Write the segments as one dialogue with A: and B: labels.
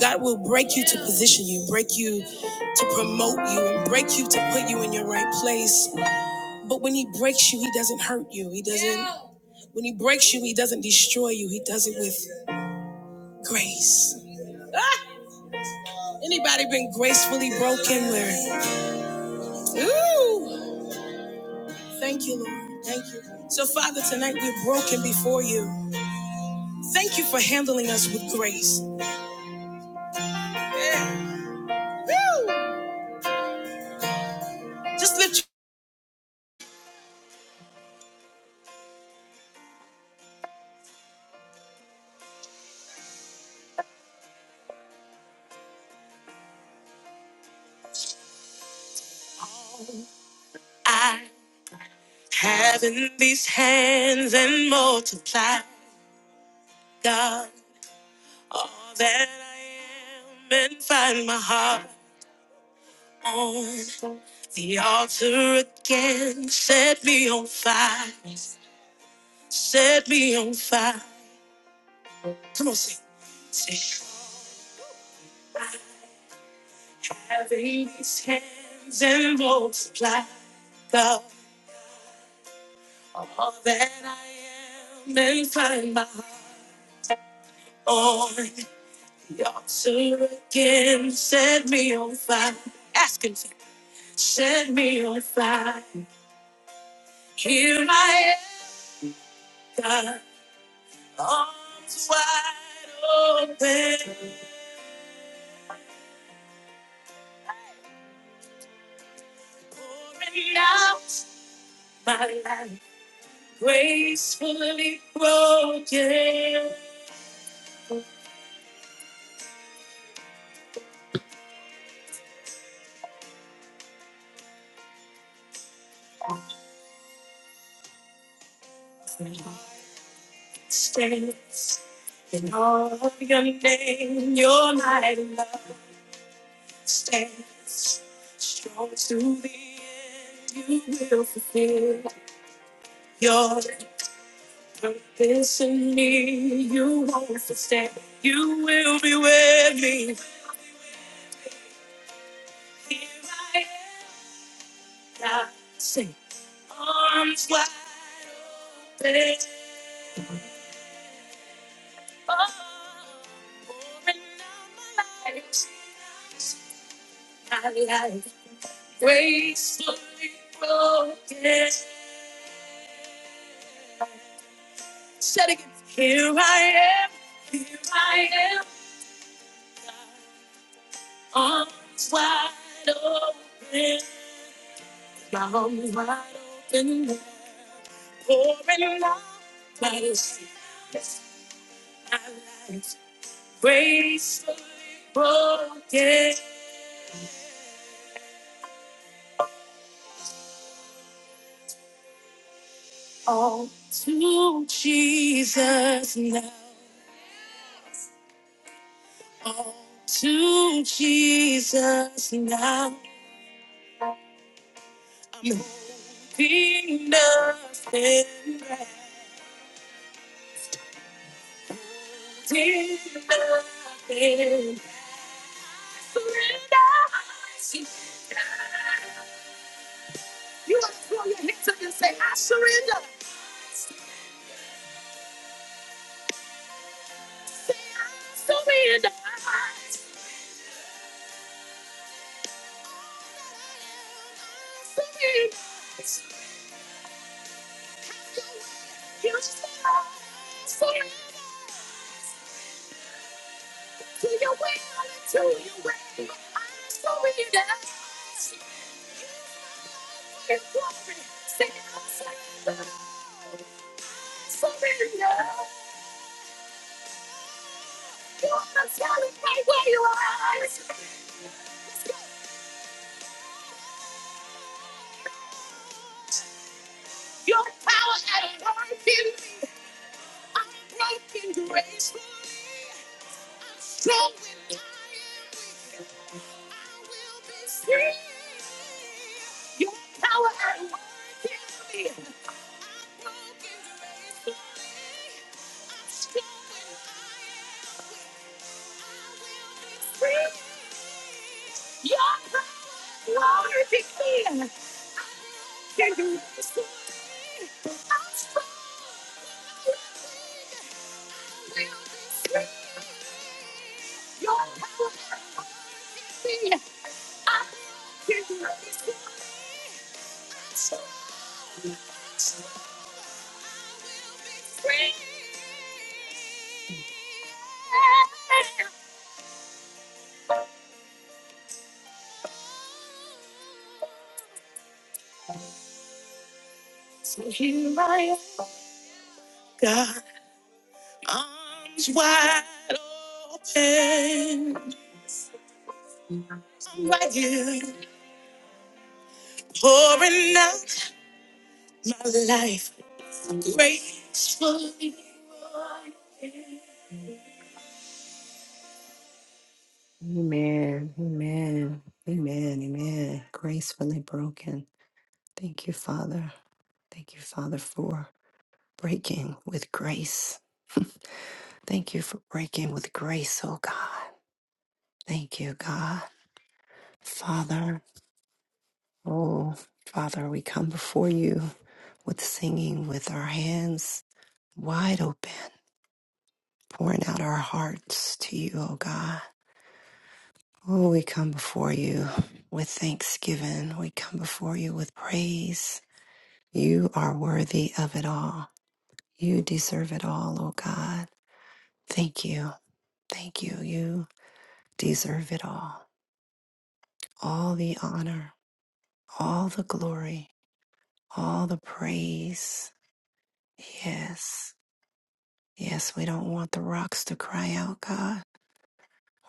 A: God will break you to position you, break you to promote you, and break you to put you in your right place. But when He breaks you, He doesn't hurt you. He doesn't. When He breaks you, He doesn't destroy you. He does it with grace. Ah! Anybody been gracefully broken? Where? Ooh! Thank you, Lord. Thank you. So, Father, tonight we're broken before you. Thank you for handling us with grace. Yeah. Woo! Just lift. your- I have in these hands and multiply. God, all that I am, and find my heart on the altar again. Set me on fire, set me on fire. Come on, sing. sing. having these hands and multiply, God, all that I am, and find my heart on the altar again. Set me on fire. Asking, set me on fire. Here I am. My arms wide open, pouring out my life, gracefully flowing. Stands in all of Your name, Your mighty love stands strong to the end. You will fulfill Your purpose in me. You won't forsake. You will be with me. Here I am, not safe. Arms wide open. Oh, pouring out my life. My life gracefully broken. Said again. Here I am. Here I am. Arms wide open. My arms wide open. Pouring out my life. My life gracefully broken. All to Jesus now. All to Jesus now. Be nothing less. Be nothing less. So here I am, God's wife. Amen. Amen. Amen. Amen. Gracefully broken. Thank you, Father. Thank you, Father, for breaking with grace. Thank you for breaking with grace, oh God. Thank you, God. Father, oh, Father, we come before you with singing, with our hands wide open, pouring out our hearts to you, oh God. Oh, we come before you with thanksgiving. We come before you with praise. You are worthy of it all. You deserve it all, oh God. Thank you. Thank you. You deserve it all. All the honor, all the glory, all the praise. Yes. Yes, we don't want the rocks to cry out, God.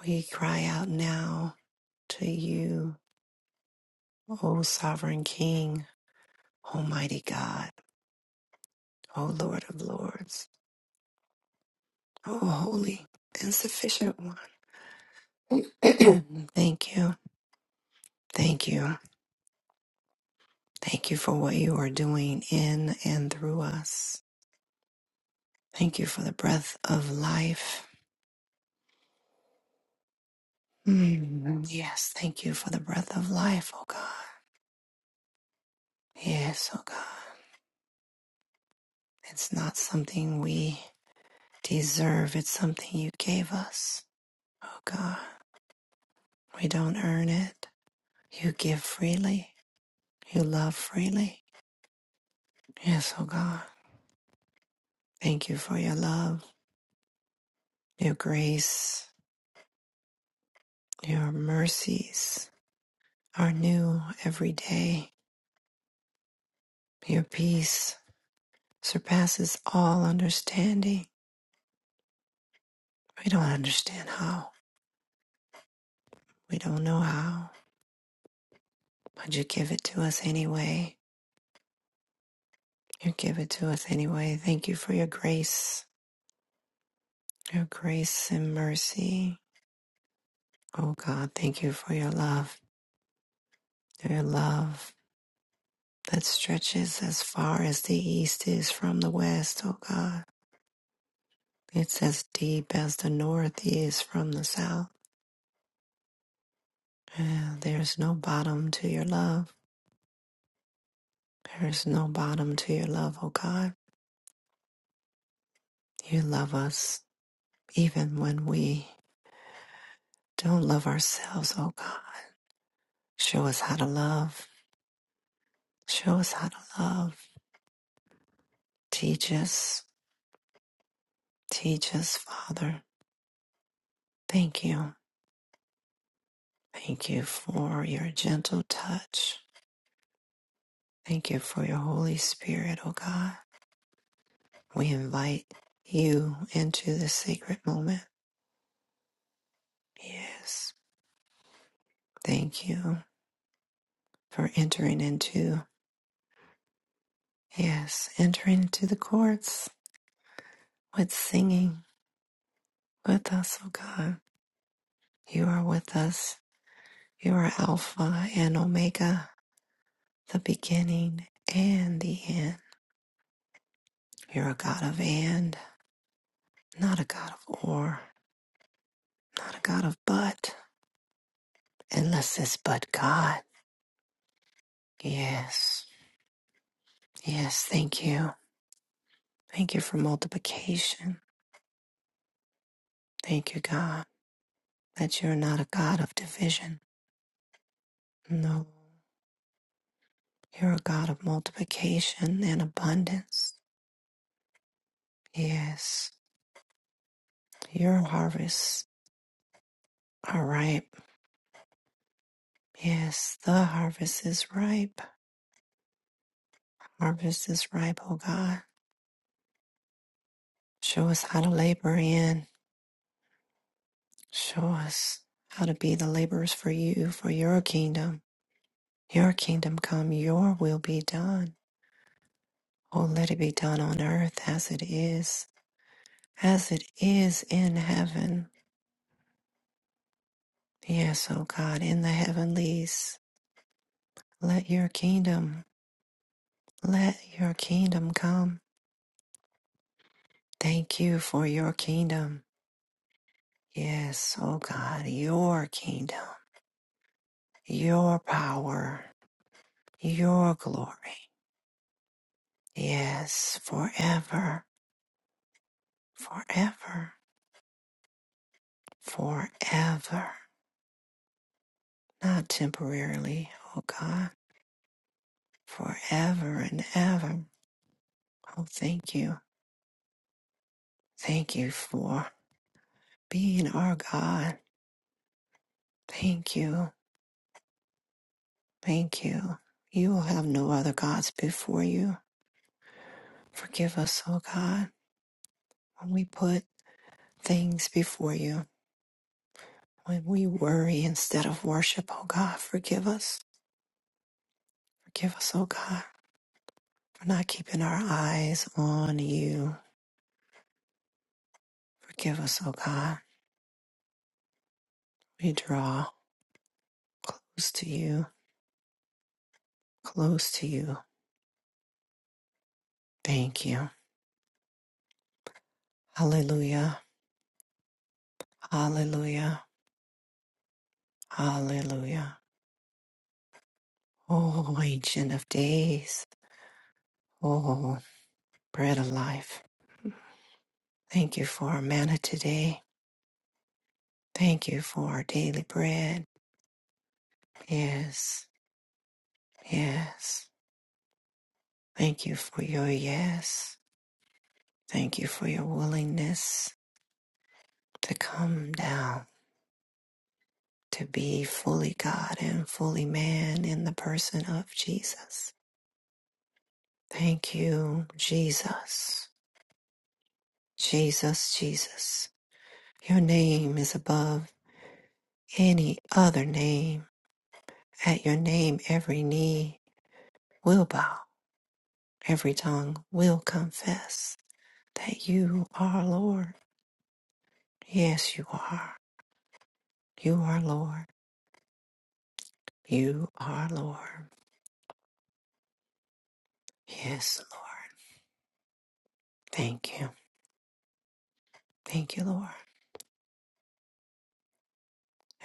A: We cry out now to you, O sovereign King, Almighty God, O Lord of Lords, O Holy and Sufficient One. Thank you. Thank you. Thank you for what you are doing in and through us. Thank you for the breath of life. Mm, yes, thank you for the breath of life, O God. Yes, O God. It's not something we deserve. It's something you gave us. Oh God, we don't earn it. You give freely. You love freely. Yes, oh God, thank you for your love, your grace, your mercies are new every day. Your peace surpasses all understanding. We don't understand how. We don't know how. But you give it to us anyway. You give it to us anyway. Thank you for your grace, your grace and mercy. Oh God, thank you for your love, your love that stretches as far as the east is from the west, oh God. It's as deep as the north is from the south. Yeah, there's no bottom to your love. There's no bottom to your love, oh God. You love us even when we don't love ourselves, oh God. Show us how to love. Show us how to love. Teach us. Teach us, Father. Thank you. Thank you for your gentle touch. Thank you for your Holy Spirit, oh God. We invite you into this sacred moment. Yes. Thank you for entering into, yes, entering into the courts with singing with us, oh God. You are with us. You are Alpha and Omega, the beginning and the end. You're a God of and, not a God of or, not a God of but. Unless is but God. Yes. Yes. Thank you. Thank you for multiplication. Thank you, God, that you're not a God of division. No. You're a God of multiplication and abundance. Yes. Your harvests are ripe. Yes. The harvest is ripe. Harvest is ripe, oh God. Show us how to labor in. Show us how to be the laborers for you, for your kingdom. Your kingdom come, your will be done. Oh, let it be done on earth as it is, as it is in heaven. Yes, O God, in the heavenlies, let your kingdom, let your kingdom come. Thank you for your kingdom. Yes, O God, your kingdom, your power, your glory. Yes, forever, forever, forever, not temporarily, O God forever and ever. Oh, thank you. Thank you for being our God. Thank you. Thank you. You will have no other gods before you. Forgive us, oh God, when we put things before you, when we worry instead of worship, oh God, forgive us. Forgive us, oh God, for not keeping our eyes on you. Forgive us, oh God. We draw close to you, close to you. Thank you. Hallelujah. Hallelujah. Hallelujah. Oh, Ancient of Days. Oh, Bread of Life. Thank you for our manna today. Thank you for our daily bread. Yes. Yes. Thank you for your yes. Thank you for your willingness to come down, to be fully God and fully man in the person of Jesus. Thank you, Jesus. Jesus, Jesus. Your name is above. any other name. At your name, every knee will bow, every tongue will confess that you are Lord. Yes, you are. You are Lord. You are Lord. Yes, Lord. Thank you. Thank you, Lord.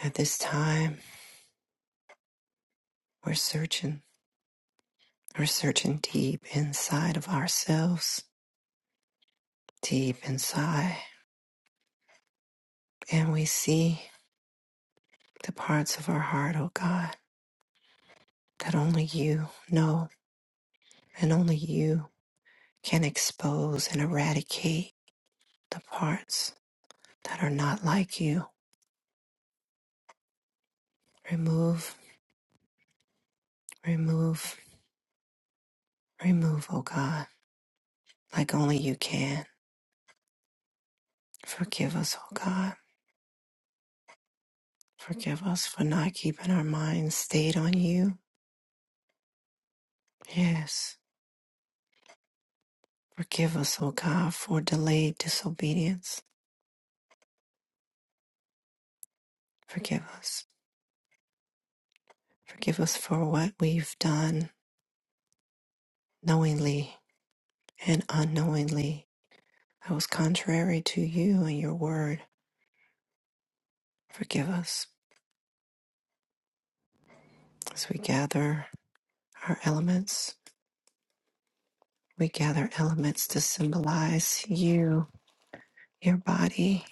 A: At this time, we're searching. We're searching deep inside of ourselves, deep inside. And we see the parts of our heart, oh God, that only you know and only you. can expose and eradicate the parts that are not like you. Remove, remove, remove, oh God, like only you can. Forgive us, oh God. Forgive us for not keeping our minds stayed on you. Yes. Forgive us, oh God, for delayed disobedience. Forgive us. Forgive us for what we've done knowingly and unknowingly that was contrary to you and your word. Forgive us as we gather our elements. We gather elements to symbolize you, your body,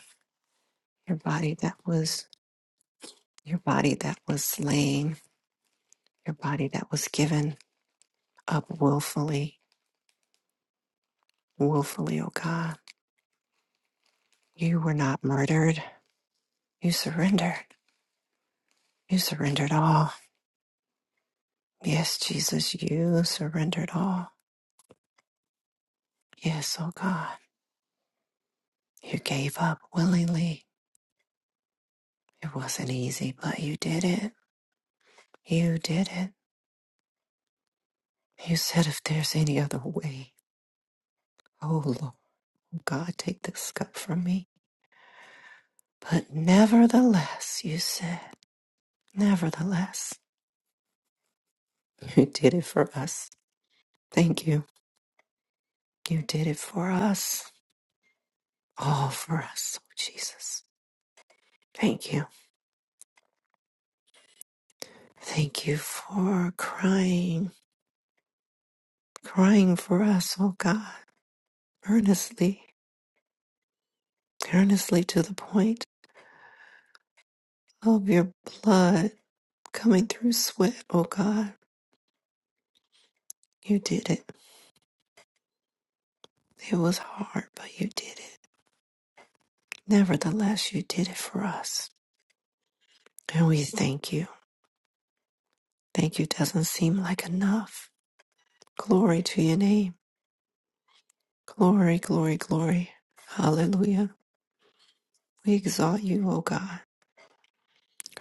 A: your body that was your body that was slain, your body that was given up willfully, willfully, oh God. You were not murdered. You surrendered. You surrendered all. Yes, Jesus, you surrendered all. Yes, oh God. You gave up willingly. It wasn't easy, but you did it. You did it. You said if there's any other way. Oh Lord. God, take this cup from me. But nevertheless, you said, nevertheless, you did it for us. Thank you. You did it for us, all for us, oh Jesus. Thank you. Thank you for crying, crying for us, oh God, earnestly, earnestly to the point of your blood coming through sweat, oh God. You did it. It was hard, but you did it. Nevertheless, you did it for us. And we thank you. Thank you doesn't seem like enough. Glory to your name. Glory, glory, glory. Hallelujah. We exalt you, O God.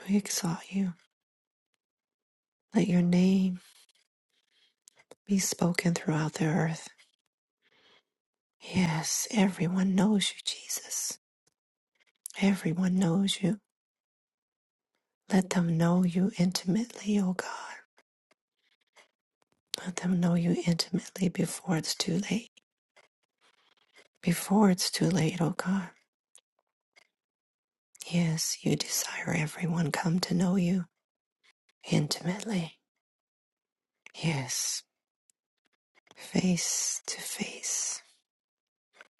A: We exalt you. Let your name be spoken throughout the earth. Yes, everyone knows you, Jesus. Everyone knows you. Let them know you intimately, O God. Let them know you intimately before it's too late. Before it's too late, O God. Yes, you desire everyone come to know you. Intimately. Yes. Face to face.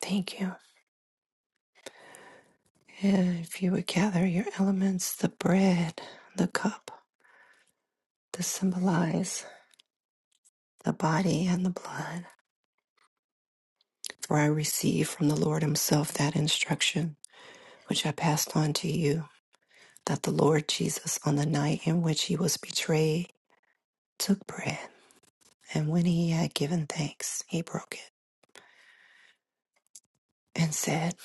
A: Thank you. And if you would gather your elements, the bread, the cup, to symbolize the body and the blood. For I received from the Lord Himself that instruction, which I passed on to you, that the Lord Jesus, on the night in which He was betrayed, took bread. And when He had given thanks, He broke it and said,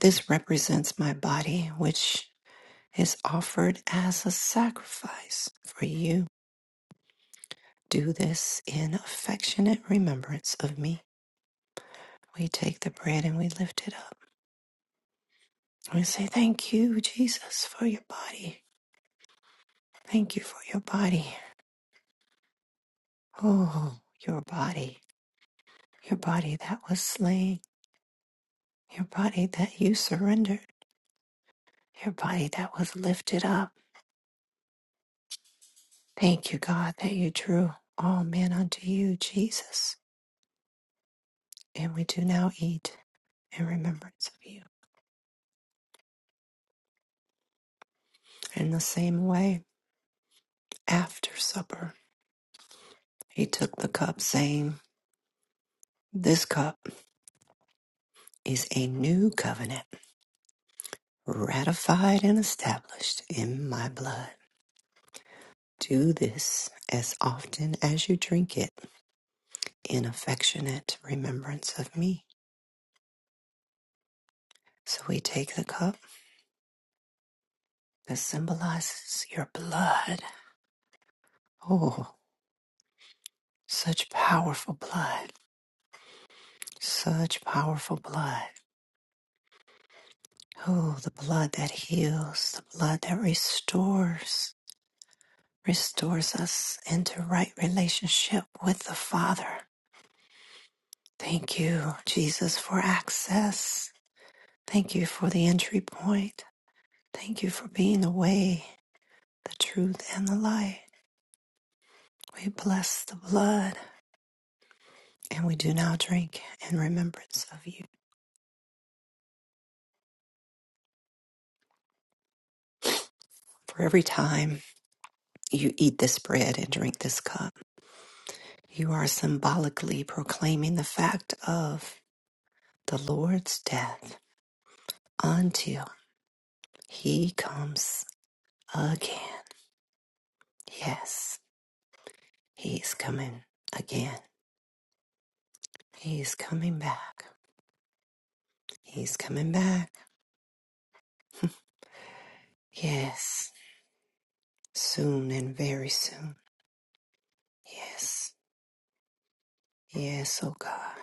A: This represents my body, which is offered as a sacrifice for you. Do this in affectionate remembrance of me. We take the bread and we lift it up. We say, Thank you, Jesus, for your body. Thank you for your body. Oh, your body. Your body that was slain. Your body that you surrendered. Your body that was lifted up. Thank you, God, that you drew all men unto you, Jesus. And we do now eat in remembrance of you. In the same way, after supper, he took the cup, saying, This cup is a new covenant, ratified and established in my blood. Do this as often as you drink it in affectionate remembrance of me. So we take the cup that symbolizes your blood. Oh, such powerful blood, such powerful blood. Oh, the blood that heals, the blood that restores, restores us into right relationship with the Father. Thank you, Jesus, for access. Thank you for the entry point. Thank you for being the way, the truth, and the light. We bless the blood and we do now drink in remembrance of you. For every time you eat this bread and drink this cup, you are symbolically proclaiming the fact of the Lord's death until he comes again. Yes, he's coming again. He's coming back. He's coming back. Yes, soon and very soon. Yes, yes, oh God.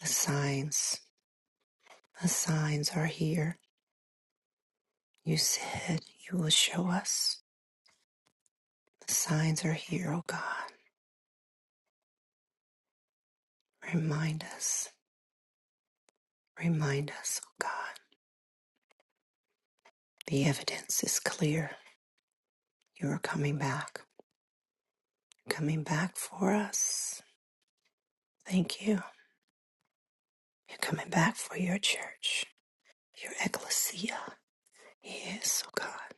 A: The signs, the signs are here. You said you will show us. The signs are here, oh God. Remind us, remind us, oh God. The evidence is clear. You are coming back. You're coming back for us. Thank you. You're coming back for your church. your ecclesia. Yes, oh God,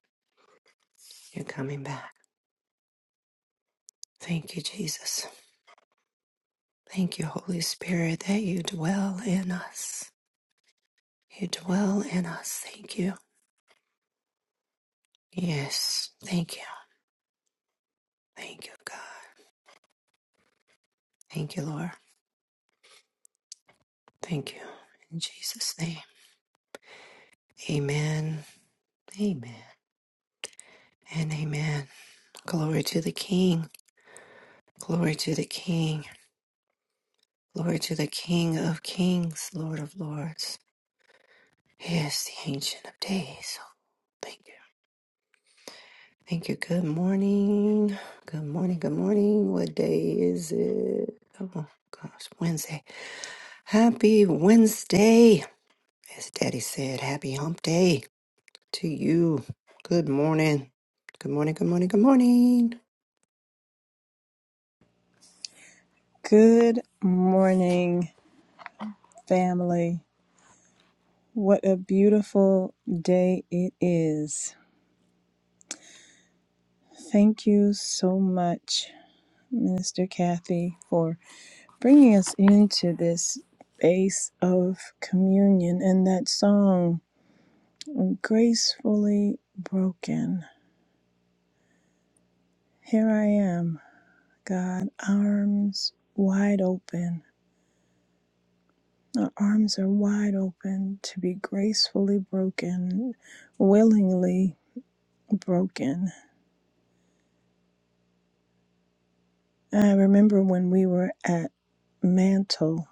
A: you're coming back. Thank you, Jesus. Thank you, Holy Spirit, that you dwell in us. You dwell in us. Thank you. Yes, thank you. Thank you, God. Thank you, Lord. Thank you. In Jesus' name. Amen. Amen. And amen. Glory to the King. Glory to the King. Glory to the King of Kings, Lord of Lords. Yes, the Ancient of Days. Oh, thank you. Thank you. Good morning. Good morning. Good morning. What day is it? Oh, gosh, Wednesday. Happy Wednesday. As Daddy said, happy hump day to you. Good morning. Good morning. Good morning. Good morning.
B: Good morning, family. What a beautiful day it is. Thank you so much, Minister Kathy, for bringing us into this space of communion and that song, Gracefully Broken. Here I am, God, arms wide open. Our arms are wide open to be gracefully broken, willingly broken I remember when we were at Mantle.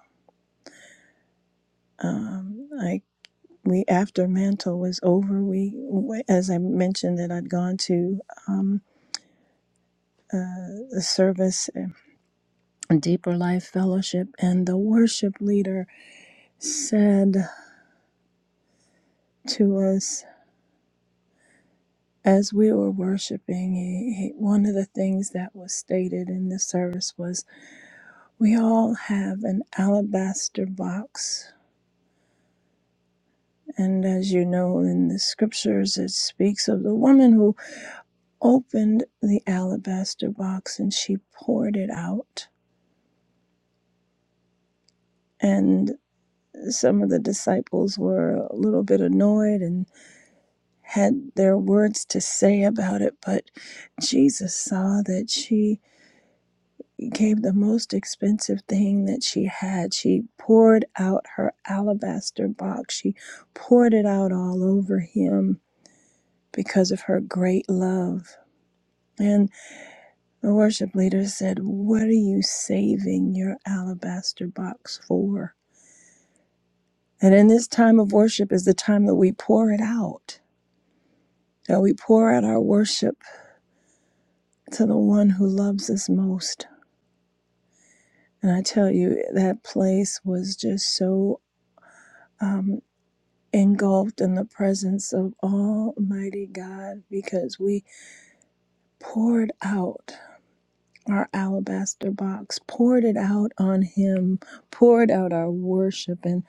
B: Um, I we after Mantle was over, we we- as I mentioned that I'd gone to um, uh, a service, a deeper life fellowship, and the worship leader said to us as we were worshiping, he, he, one of the things that was stated in the service was, "We all have an alabaster box." And as you know in the scriptures, it speaks of the woman who opened the alabaster box and she poured it out. And some of the disciples were a little bit annoyed and had their words to say about it, but Jesus saw that she gave the most expensive thing that she had. She poured out her alabaster box, she poured it out all over him because of her great love. and. The worship leader said, What are you saving your alabaster box for? And in this time of worship is the time that we pour it out, that we pour out our worship to the one who loves us most. And I tell you, that place was just so um, engulfed in the presence of Almighty God because we poured out our alabaster box, poured it out on Him, poured out our worship. and.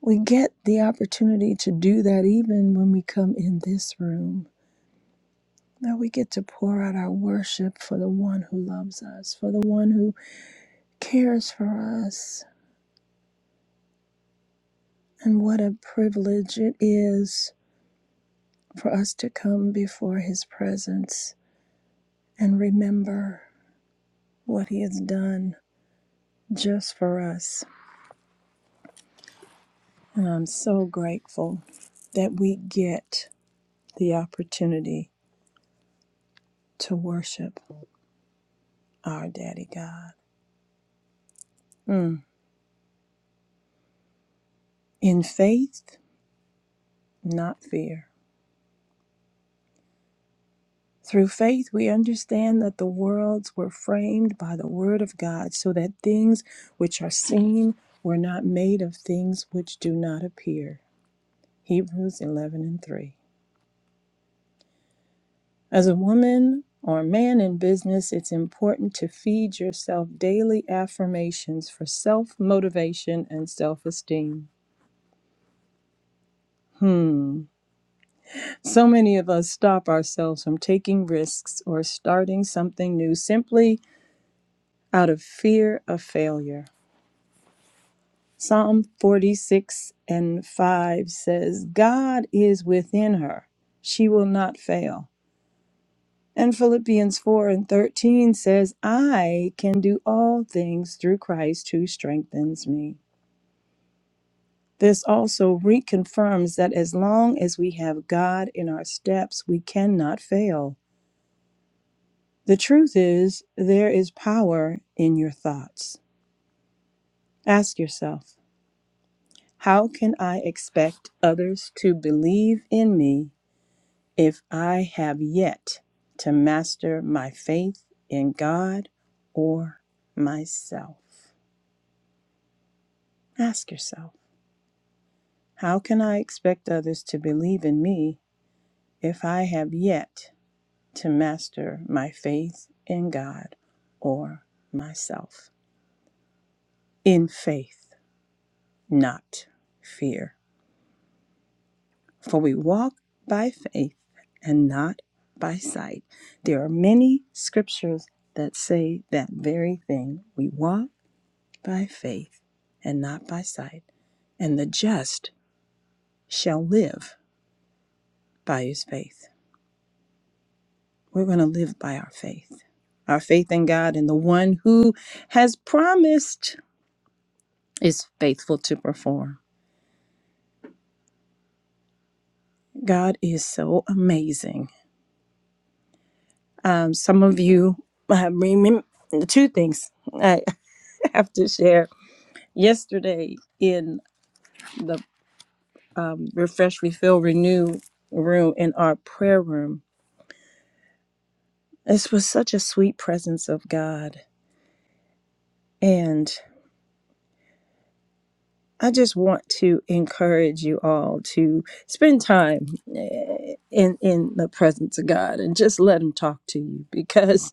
B: We get the opportunity to do that even when we come in this room. That we get to pour out our worship for the one who loves us, for the one who cares for us. And what a privilege it is for us to come before his presence and remember what he has done just for us. And I'm so grateful that we get the opportunity to worship our Daddy God. Mm. In faith not fear. Through faith, we understand that the worlds were framed by the Word of God, so that things which are seen were not made of things which do not appear. Hebrews 11 and 3. As a woman or man in business, it's important to feed yourself daily affirmations for self motivation and self esteem. Hmm. So many of us stop ourselves from taking risks or starting something new simply out of fear of failure. Psalm 46 and 5 says, God is within her, she will not fail. And Philippians 4 and 13 says, I can do all things through Christ who strengthens me. This also reconfirms that as long as we have God in our steps, we cannot fail. The truth is, there is power in your thoughts. Ask yourself, How can I expect others to believe in me if I have yet to master my faith in God or myself? Ask yourself, how can I expect others to believe in me if I have yet to master my faith in God or myself? In faith, not fear. For we walk by faith and not by sight. There are many scriptures that say that very thing. We walk by faith and not by sight, and the just shall live by his faith. We're going to live by our faith. Our faith in God and the one who has promised is faithful to perform. God is so amazing. Um, some of you uh, remember two things. have to share. Yesterday in the um, Refresh, Refill, Renew room in our prayer room, this was such a sweet presence of God. And I just want to encourage you all to spend time eh, in in the presence of God and just let him talk to you because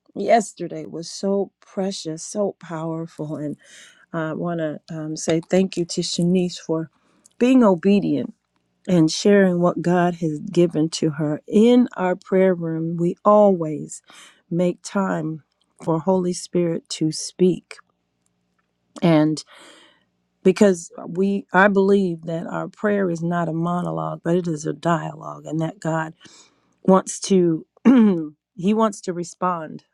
B: yesterday was so precious, so powerful and I want to um, say thank you to Shanice for being obedient and sharing what God has given to her. In our prayer room, we always make time for Holy Spirit to speak. And because we I believe that our prayer is not a monologue, but it is a dialogue and that God wants to he wants to respond.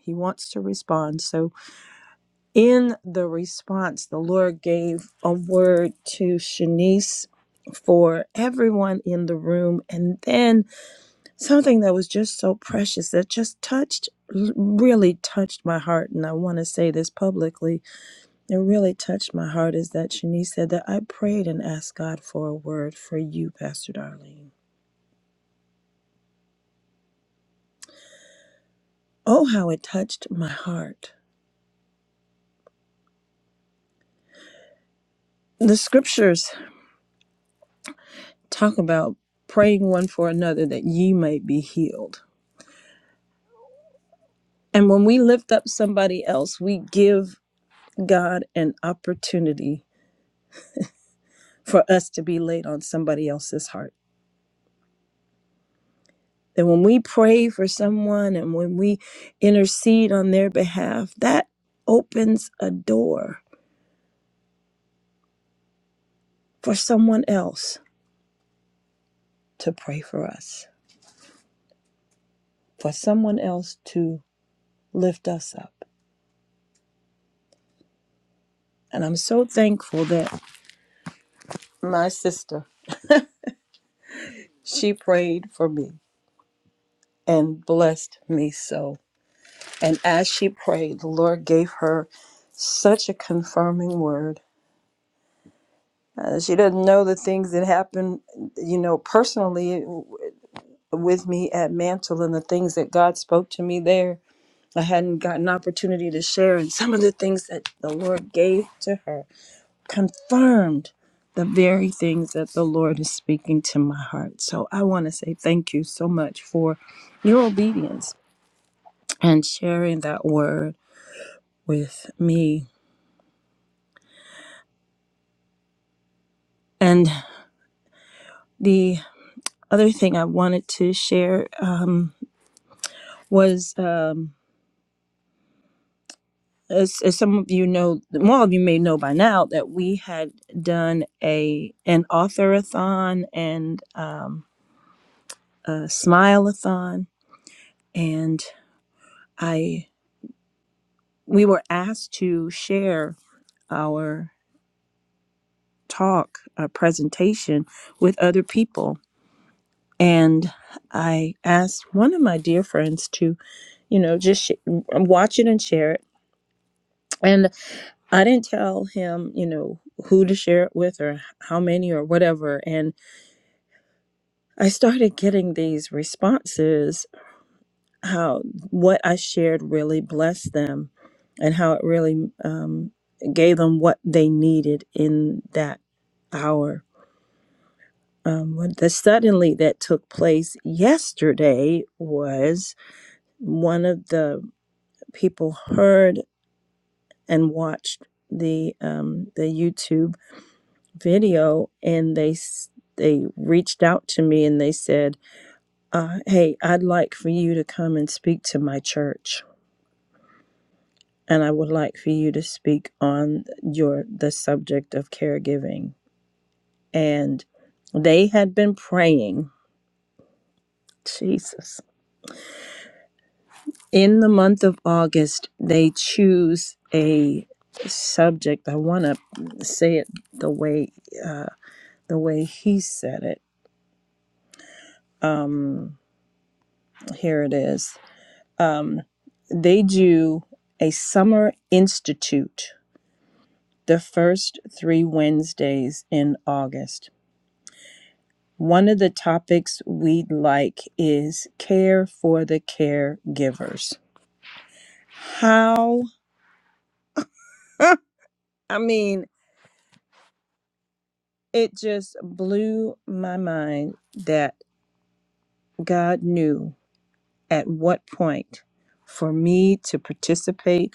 B: He wants to respond. So in the response, the Lord gave a word to Shanice for everyone in the room and then something that was just so precious that just touched really touched my heart and i want to say this publicly it really touched my heart is that shanice said that i prayed and asked god for a word for you pastor darlene oh how it touched my heart the scriptures talk about praying one for another that ye may be healed and when we lift up somebody else we give god an opportunity for us to be laid on somebody else's heart That when we pray for someone and when we intercede on their behalf, that opens a door for someone else to pray for us, for someone else to lift us up. And I'm so thankful that my sister, she prayed for me and blessed me so. And as she prayed, the Lord gave her such a confirming word. Uh, she doesn't know the things that happen, you know, personally. with me at Mantle and the things that God spoke to me there. I hadn't gotten an opportunity to share, and some of the things that the Lord gave to her confirmed the very things that the Lord is speaking to my heart. So I want to say thank you so much for your obedience and sharing that word with me. And the other thing I wanted to share um, was. Um, as, as some of you know, more of you may know by now, that we had done a an authorathon and um, a smileathon, and I we were asked to share our talk, our presentation with other people, and I asked one of my dear friends to, you know, just sh- watch it and share it, and I didn't tell him, you know, who to share it with or how many or whatever, and I started getting these responses how what I shared really blessed them and how it really um, gave them what they needed in that hour. Um, when the suddenly that took place yesterday was one of the people heard and watched the um, the YouTube video and they s- they reached out to me and they said Uh, hey, I'd like for you to come and speak to my church, and I would like for you to speak on your the subject of caregiving. And they had been praying. Jesus. In the month of August, they choose a subject. I want to say it the way uh, the way he said it. Um, here it is. Um, they do a summer institute the first three Wednesdays in August. One of the topics we'd like is care for the caregivers. How? I mean, it just blew my mind that God knew at what point for me to participate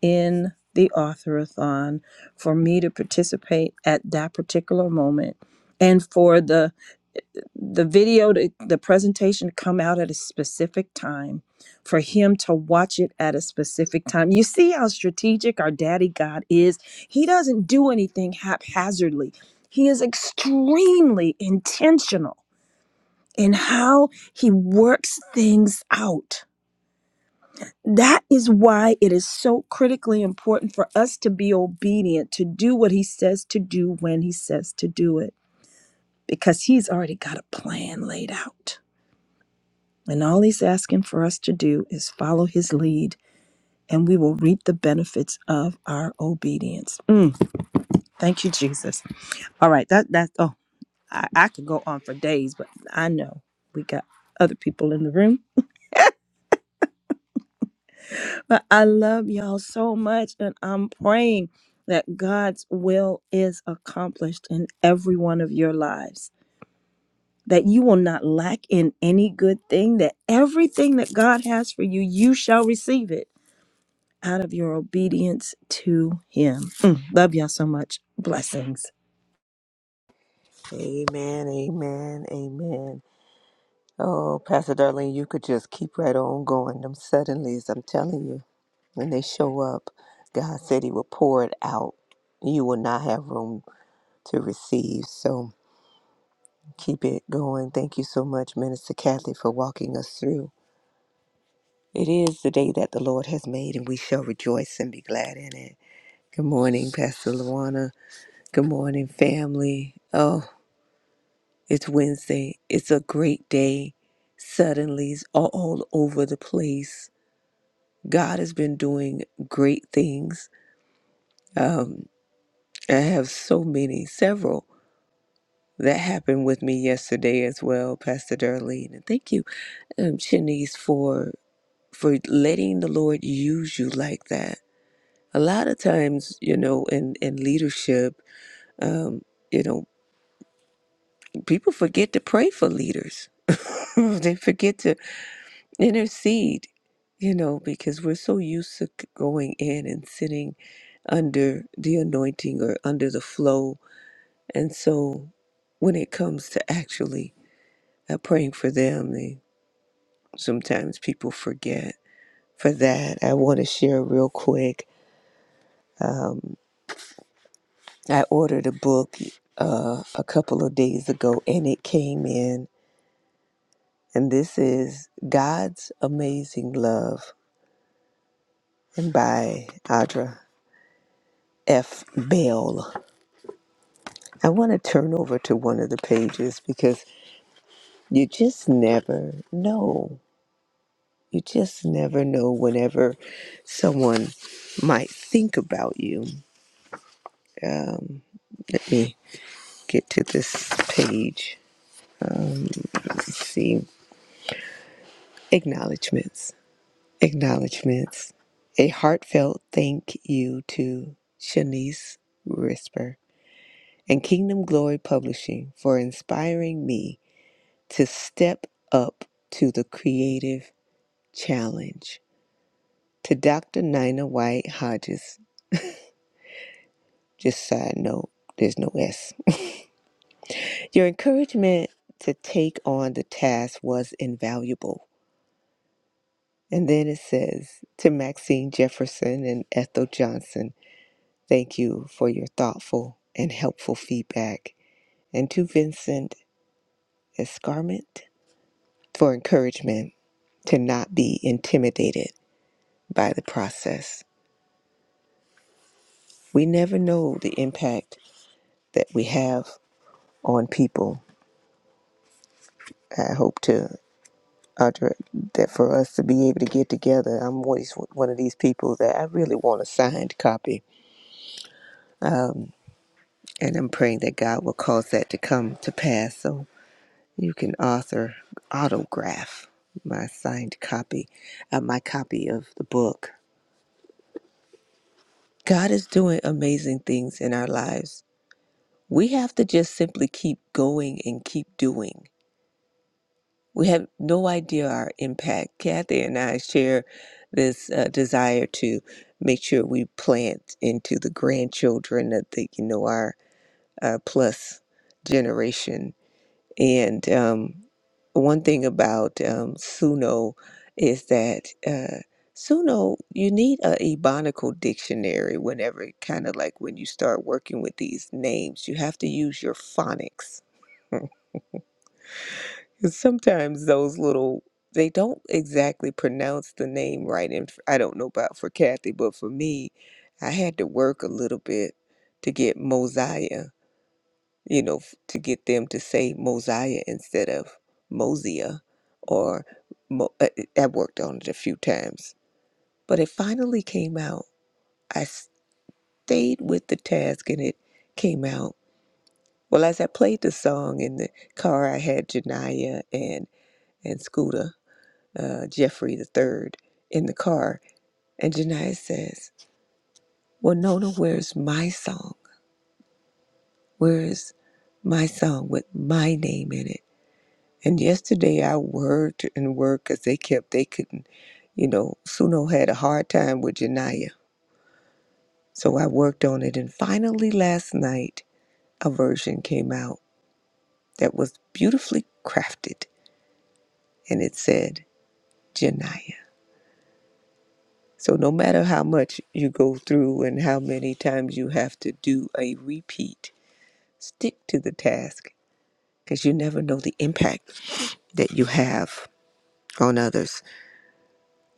B: in the authorathon, for me to participate at that particular moment, and for the the video to, the presentation come out at a specific time for him to watch it at a specific time you see how strategic our daddy god is he doesn't do anything haphazardly he is extremely intentional in how he works things out that is why it is so critically important for us to be obedient to do what he says to do when he says to do it because he's already got a plan laid out And all he's asking for us to do is follow his lead, and we will reap the benefits of our obedience. Mm, thank you, Jesus. All right, that that oh, I, I could go on for days, but I know we got other people in the room. But I love y'all so much, and I'm praying that God's will is accomplished in every one of your lives. That you will not lack in any good thing, that everything that God has for you, you shall receive it out of your obedience to Him. Mm, love y'all so much. Blessings.
C: Amen, amen, amen. Oh, Pastor Darlene, you could just keep right on going. Them suddenlies, I'm telling you, when they show up, God said He will pour it out. You will not have room to receive. So keep it going. Thank you so much, Minister Kathy, for walking us through. It is the day that the Lord has made, and we shall rejoice and be glad in it. Good morning, Pastor Luana. Good morning, family. Oh, It's Wednesday. It's a great day. Suddenlies are all over the place. God has been doing great things. Um, I have so many, several that happened with me yesterday as well, Pastor Darlene. And thank you, um, Shanice, for for letting the Lord use you like that. A lot of times, you know, in in leadership, um, you know, people forget to pray for leaders. they forget to intercede, you know, because we're so used to c- going in and sitting under the anointing or under the flow. And so when it comes to actually uh, praying for them, they, sometimes people forget. For that, I want to share real quick. Um, I ordered a book uh, a couple of days ago and it came in. And this is God's Amazing Love and by Audra F. Bell I want to turn over to one of the pages because you just never know. You just never know whenever someone might think about you. Um, let me get to this page. Let's see. Acknowledgements. Acknowledgements. A heartfelt thank you to Shanice Risper and Kingdom Glory Publishing for inspiring me to step up to the creative challenge to Dr. Nina White Hodges. Just side note, there's no S. Your encouragement to take on the task was invaluable. And then it says to Maxine Jefferson and Ethel Johnson, thank you for your thoughtful and helpful feedback. And to Vincent Escarment for encouragement to not be intimidated by the process. We never know the impact that we have on people I hope to Audra, that for us to be able to get together. I'm always one of these people that I really want a signed copy. Um, and I'm praying that God will cause that to come to pass. So you can author autograph my signed copy, uh, my copy of the book. God is doing amazing things in our lives. We have to just simply keep going and keep doing. We have no idea our impact. Kathy and I share this uh, desire to make sure we plant into the grandchildren of the, you know, our uh, plus generation. And um, one thing about um, Suno is that uh, Suno, you need a Ebonical dictionary whenever, kind of like when you start working with these names, you have to use your phonics. 'Cause sometimes those little they don't exactly pronounce the name right and f- I don't know about for Kathy but for me I had to work a little bit to get Mosiah you know f- to get them to say Mosiah instead of Mosia or Mo- uh, uh, I worked on it a few times but it finally came out I stayed with the task and it came out well as I played the song in the car I had Janiyah and and Scooter uh, Jeffrey the third in the car, and Janiyah says, "Well, Nona, where's my song? Where's my song with my name in it?" And yesterday I worked and worked because they kept they couldn't, you know, Suno had a hard time with Janiyah, so I worked on it, and finally last night a version came out that was beautifully crafted, and it said Janiyah. So no matter how much you go through and how many times you have to do a repeat, stick to the task because you never know the impact that you have on others.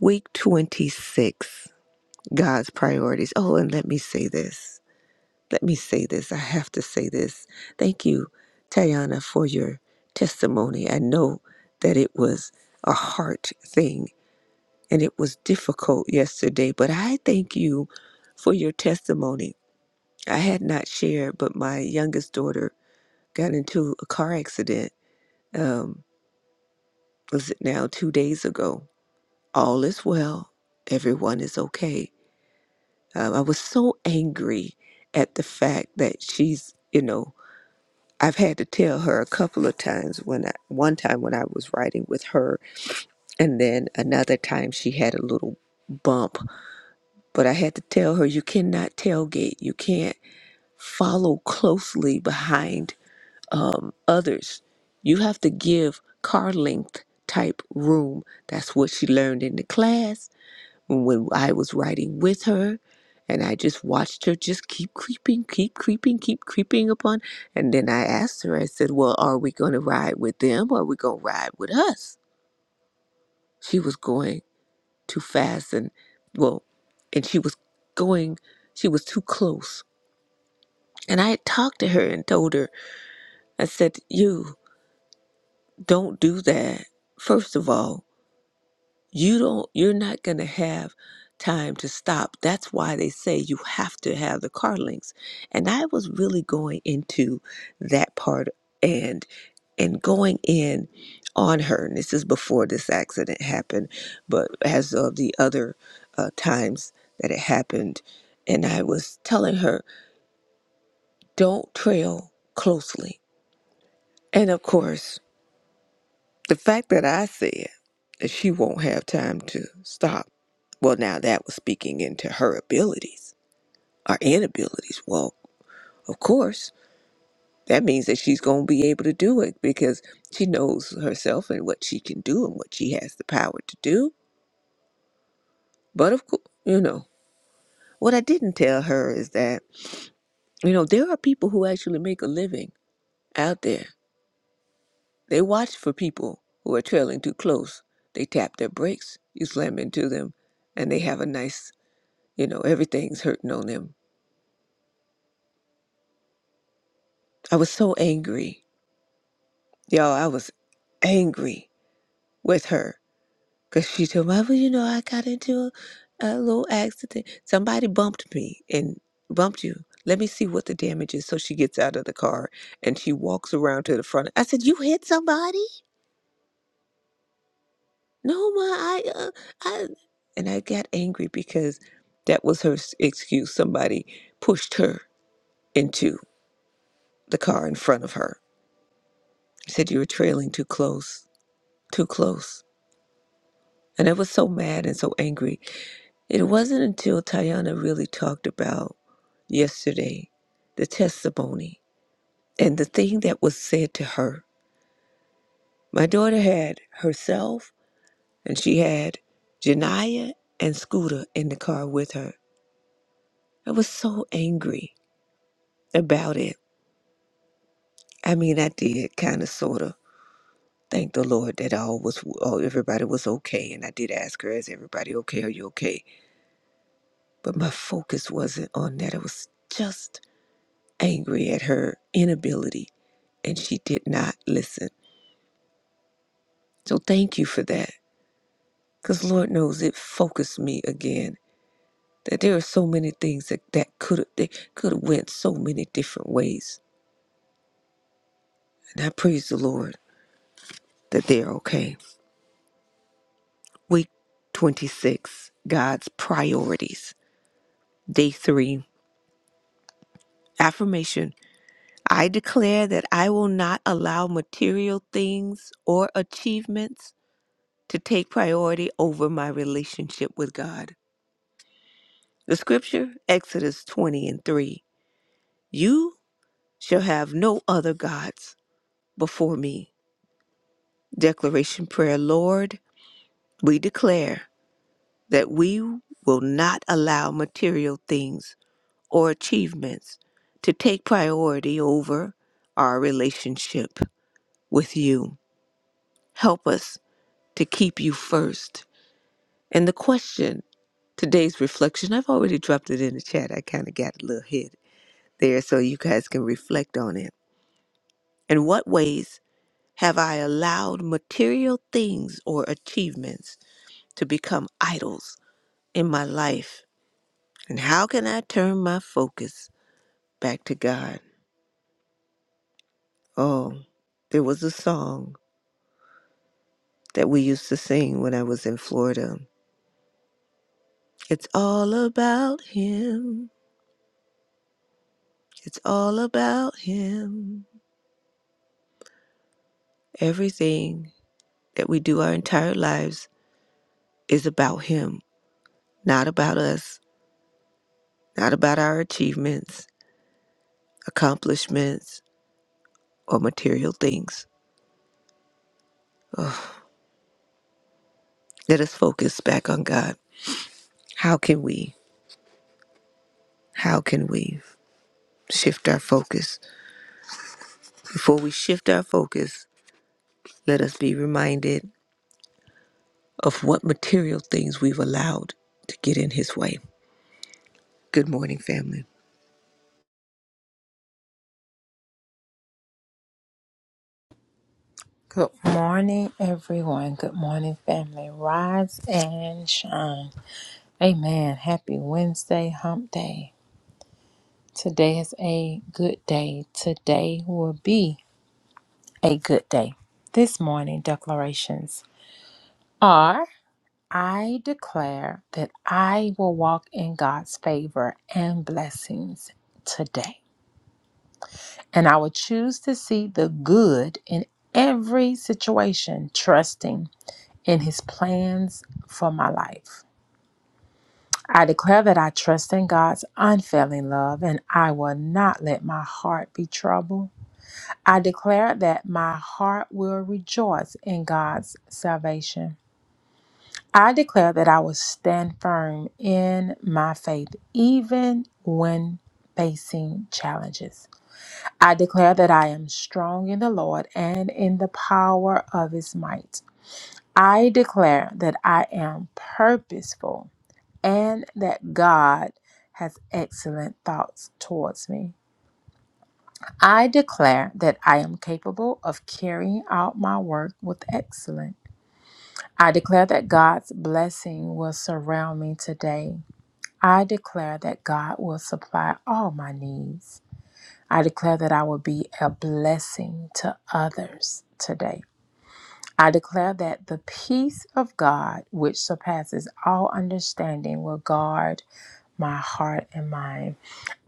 C: Week 26, God's priorities. Oh, and let me say this. Let me say this. I have to say this. Thank you, Tayana, for your testimony. I know that it was a heart thing and it was difficult yesterday, but I thank you for your testimony I had not shared, but my youngest daughter got into a car accident. Um, was it now two days ago? All is well. Everyone is okay. Um, I was so angry at the fact that she's, you know, I've had to tell her a couple of times when I, one time when I was riding with her, and then another time she had a little bump. But I had to tell her, you cannot tailgate. You can't follow closely behind um, others. You have to give car length type room. That's what she learned in the class when I was writing with her. And I just watched her just keep creeping, keep creeping, keep creeping upon. And then I asked her, I said, Well, are we going to ride with them or are we going to ride with us? She was going too fast and, well, and she was going, she was too close. And I had talked to her and told her, I said, You, don't do that. First of all, you don't you're not going to have time to stop. That's why they say you have to have the car links. And I was really going into that part and and going in on her. And this is before this accident happened, but as of the other uh, times that it happened and I was telling her, "Don't trail closely." And of course, The fact that I said that she won't have time to stop, well, now that was speaking into her abilities or inabilities. Well, of course, that means that she's going to be able to do it because she knows herself and what she can do and what she has the power to do. But of course, you know, what I didn't tell her is that, you know, there are people who actually make a living out there. They watch for people who are trailing too close. They tap their brakes, you slam into them, and they have a nice You know, everything's hurting on them. I was so angry. Y'all, I was angry with her because she told me, well, you know, I got into a, a little accident. Somebody bumped me and bumped you. Let me see what the damage is. So she gets out of the car and she walks around to the front. I said, "You hit somebody?" No, ma. I, uh, I, and I got angry because that was her s- excuse. Somebody pushed her into the car in front of her. Said you were trailing too close too close. And I was so mad and so angry. It wasn't until Tayana really talked about yesterday the testimony and the thing that was said to her. My daughter had herself and she had Janiyah and Scooter in the car with her. I was so angry about it. I mean, I did kind of sort of thank the Lord that all was all everybody was okay and I did ask her is everybody okay are you okay? But my focus wasn't on that. It was just angry at her inability and she did not listen. So thank you for that. Because Lord knows it focused me again that there are so many things that, that could have could have went so many different ways. And I praise the Lord that they're okay. Week 26, God's priorities. Day three, affirmation. I declare that I will not allow material things or achievements to take priority over my relationship with God. The scripture, Exodus 20 and 3. You shall have no other gods before me. Declaration prayer, Lord, we declare that we will not allow material things or achievements to take priority over our relationship with you. Help us to keep you first. And the question, today's reflection, I've already dropped it in the chat. I kind of got a little hit there so you guys can reflect on it. In what ways have I allowed material things or achievements to become idols in my life? And how can I turn my focus back to God? Oh, there was a song that we used to sing when I was in Florida. It's all about Him. It's all about Him. Everything that we do our entire lives is about Him, not about us, not about our achievements, accomplishments or material things. Ugh. Let us focus back on God. How can we? How can we shift our focus? Before we shift our focus, let us be reminded of what material things we've allowed to get in His way. Good morning, family.
D: Good morning, everyone. Good morning, family. Rise and shine. Amen. Happy Wednesday, hump day. Today is a good day. Today will be a good day. This morning, declarations are I declare that I will walk in God's favor and blessings today. And I will choose to see the good in every situation, trusting In his plans for my life. I declare that I trust in God's unfailing love and I will not let my heart be troubled. I declare that my heart will rejoice in God's salvation. I declare that I will stand firm in my faith even when facing challenges. I declare that I am strong in the Lord and in the power of his might. I declare that I am purposeful and that God has excellent thoughts towards me. I declare that I am capable of carrying out my work with excellence. I declare that God's blessing will surround me today. I declare that God will supply all my needs. I declare that I will be a blessing to others today. I declare that the peace of God, which surpasses all understanding, will guard my heart and mind.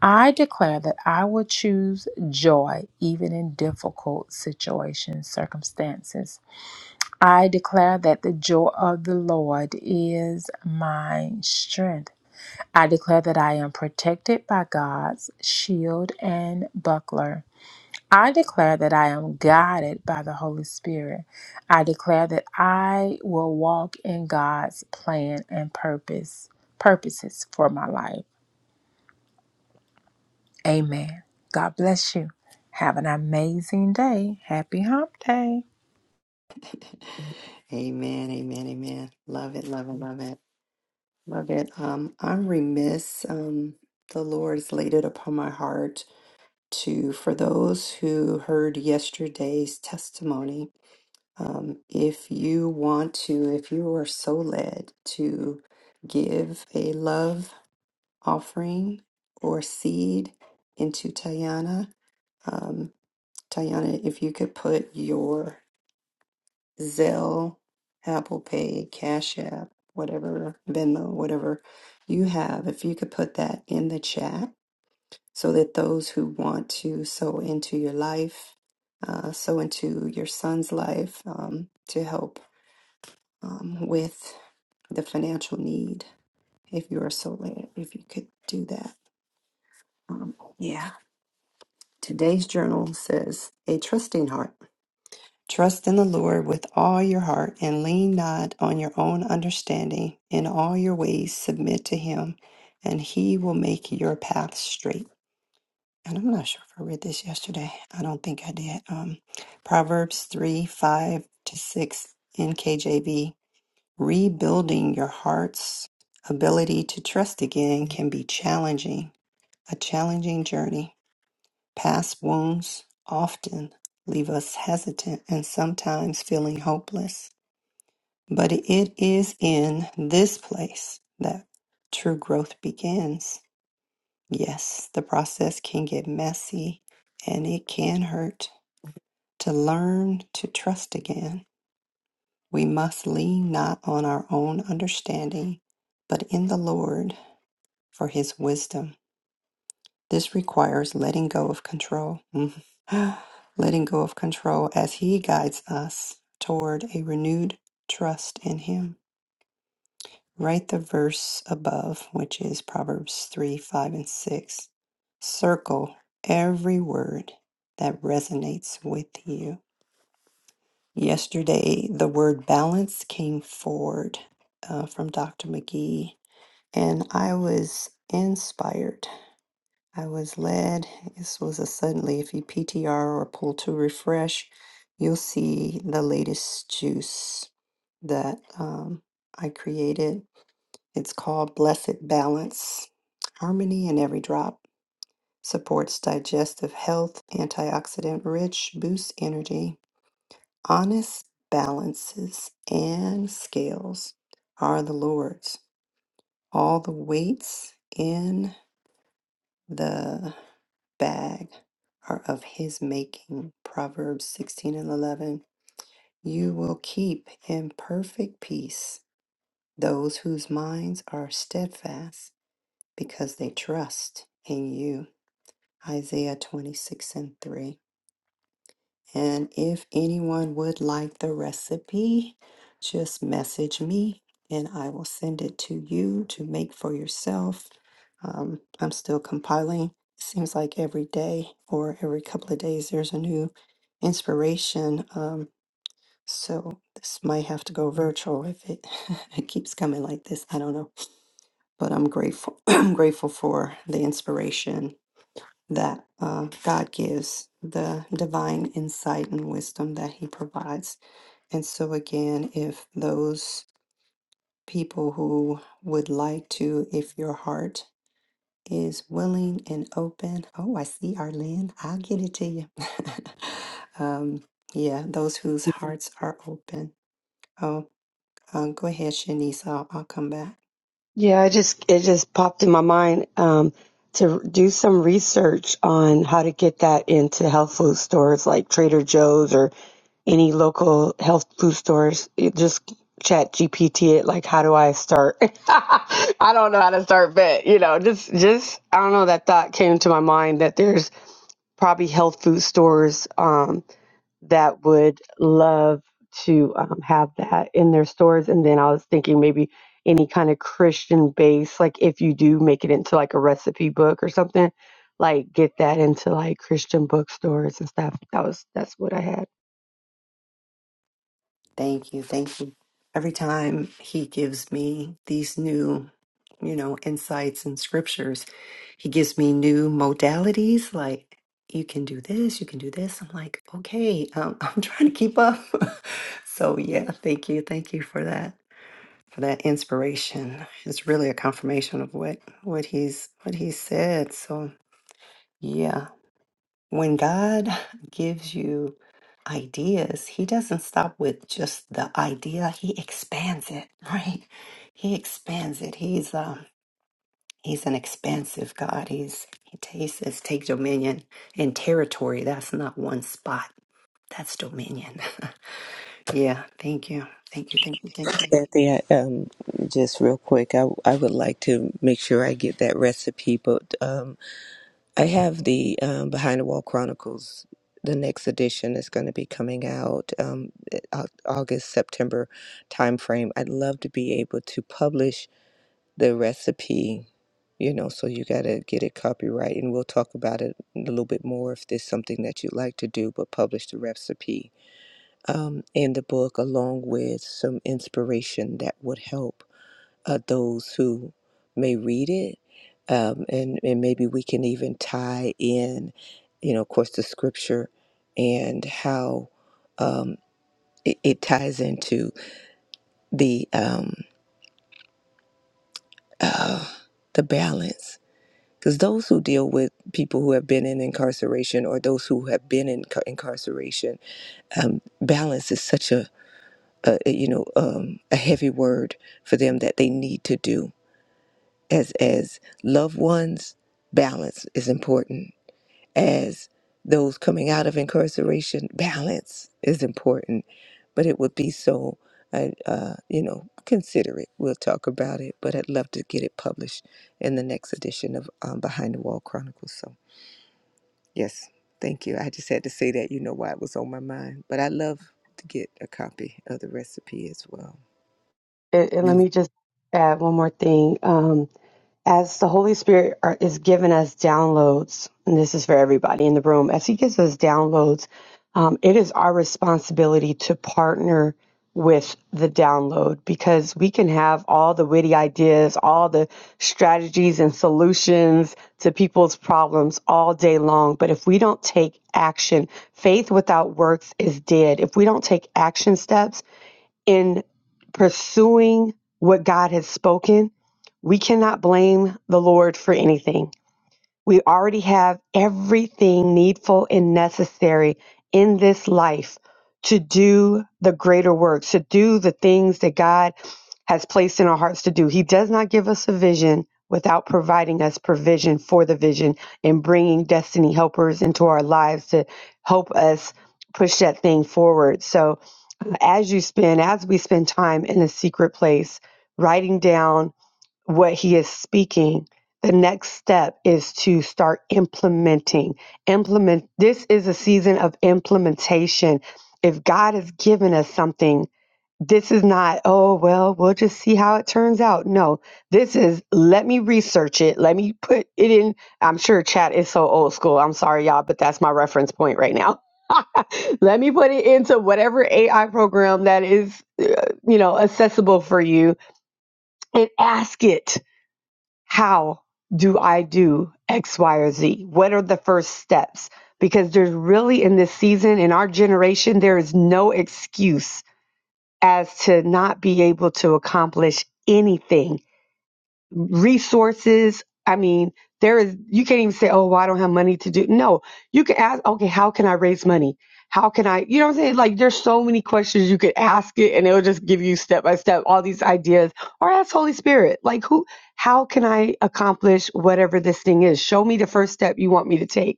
D: I declare that I will choose joy even in difficult situations, circumstances. I declare that the joy of the Lord is my strength. I declare that I am protected by God's shield and buckler. I declare that I am guided by the Holy Spirit. I declare that I will walk in God's plan and purpose, purposes for my life. Amen. God bless you. Have an amazing day. Happy hump day.
A: Amen. Amen. Amen. Love it. Love it. Love it. Love it. Um, I'm remiss. Um, the Lord has laid it upon my heart to, for those who heard yesterday's testimony Um, if you want to, if you are so led to give a love offering or seed into Tayana, um, Tayana, if you could put your Zelle, Apple Pay, Cash App, whatever, Venmo, whatever you have, if you could put that in the chat so that those who want to sow into your life, uh, sow into your son's life um, to help um, with the financial need, if you are so led, if you could do that. Um, today's journal says, A trusting heart. Trust in the Lord with all your heart and lean not on your own understanding. In all your ways, submit to Him, and He will make your path straight. And I'm not sure if I read this yesterday. I don't think I did. Um, Proverbs 3 5 to 6 in KJV. Rebuilding your heart's ability to trust again can be challenging, a challenging journey. Past wounds often leave us hesitant and sometimes feeling hopeless. But it is in this place that true growth begins. Yes, the process can get messy and it can hurt. To learn to trust again, we must lean not on our own understanding, but in the Lord. for his wisdom. This requires letting go of control, Mhm. letting go of control as he guides us toward a renewed trust in him. Write the verse above, which is Proverbs 3 5 and 6. Circle every word that resonates with you. Yesterday, the word balance came forward uh, from Dr. McGee, and I was inspired I was led, this was a suddenly, if you PTR or pull to refresh, you'll see the latest juice that um, I created. It's called Blessed Balance Harmony in Every Drop. Supports digestive health, antioxidant rich, boosts energy, honest balances, and scales are the Lord's. All the weights in. The bag are of his making. Proverbs 16 and 11. You will keep in perfect peace those whose minds are steadfast because they trust in you. Isaiah 26 and 3. And if anyone would like the recipe, just message me and I will send it to you to make for yourself. Um, I'm still compiling. It seems like every day or every couple of days there's a new inspiration. Um, so this might have to go virtual if it, it keeps coming like this. I don't know, but I'm grateful. I'm grateful for the inspiration that uh, God gives, the divine insight and wisdom that He provides. And so, again, if those people who would like to, if your heart is willing and open, oh, I see Arlene, I'll get it to you. um, yeah, those whose hearts are open. Oh, um, go ahead, Shanice, I'll, I'll come back.
E: Yeah, I just it just popped in my mind um, to do some research on how to get that into health food stores like Trader Joe's or any local health food stores. It just chat GPT it like how do I start? I don't know how to start, but you know, just just I don't know that thought came to my mind that there's probably health food stores Um, that would love to um, have that in their stores. And then I was thinking maybe any kind of Christian base, like if you do make it into like a recipe book or something, like get that into like Christian bookstores and stuff. That was that's what I had.
A: Thank you. Thank you. Every time he gives me these new, you know, insights and scriptures, he gives me new modalities like you can do this, you can do this. I'm like, okay, um, I'm trying to keep up. so yeah, thank you. Thank you for that. For that inspiration. It's really a confirmation of what what he's what he said. So yeah. When God gives you ideas, He doesn't stop with just the idea, He expands it, right? He expands it. He's um He's an expansive God. He's he, t- he says take dominion and territory. That's not one spot. That's dominion. yeah. Thank you. Thank you. Thank you. Thank you.
C: Kathy, I, um, just real quick, I, I would like to make sure I get that recipe, but um, I have the um, Behind the Wall Chronicles. The next edition is going to be coming out um, eh, Au- August, September timeframe. I'd love to be able to publish the recipe, you know, so you got to get it copyright, and we'll talk about it a little bit more if there's something that you'd like to do, but publish the recipe um, in the book along with some inspiration that would help uh, those who may read it. Um, and, and maybe we can even tie in, you know, of course, the scripture and how um, it, it ties into the um, uh, the balance. Because those who deal with people who have been in incarceration or those who have been in ca- incarceration, um, balance is such a, a you know um, a heavy word for them that they need to do as as loved ones balance is important as those coming out of incarceration balance is important but it would be so uh, uh, you know consider it we'll talk about it but i'd love to get it published in the next edition of um, behind the wall chronicles so yes thank you i just had to say that you know why it was on my mind but i love to get a copy of the recipe as well
E: And, and let me just add one more thing. Um, as the Holy Spirit are, is giving us downloads, and this is for everybody in the room, as He gives us downloads, um, it is our responsibility to partner with the download because we can have all the witty ideas, all the strategies and solutions to people's problems all day long. But if we don't take action, faith without works is dead. If we don't take action steps, in pursuing what God has spoken, we cannot blame the Lord for anything. We already have everything needful and necessary in this life to do the greater work, to do the things that God has placed in our hearts to do. He does not give us a vision without providing us provision for the vision and bringing destiny helpers into our lives to help us push that thing forward. So, uh, as you spend, as we spend time in a secret place, writing down what he is speaking the next step is to start implementing implement this is a season of implementation if god has given us something this is not oh well we'll just see how it turns out no this is let me research it let me put it in i'm sure chat is so old school i'm sorry y'all but that's my reference point right now let me put it into whatever ai program that is uh, you know accessible for you and ask it how do I do X, Y, or Z? What are the first steps? Because there's really in this season, in our generation, there is no excuse as to not be able to accomplish anything resources. I mean, there is, you can't even say, oh, well, I don't have money to do. No, you can ask, okay, how can I raise money? How can I, you know what I'm saying? Like, there's so many questions you could ask it and it'll just give you step by step all these ideas or ask Holy Spirit, like, who, how can I accomplish whatever this thing is? Show me the first step you want me to take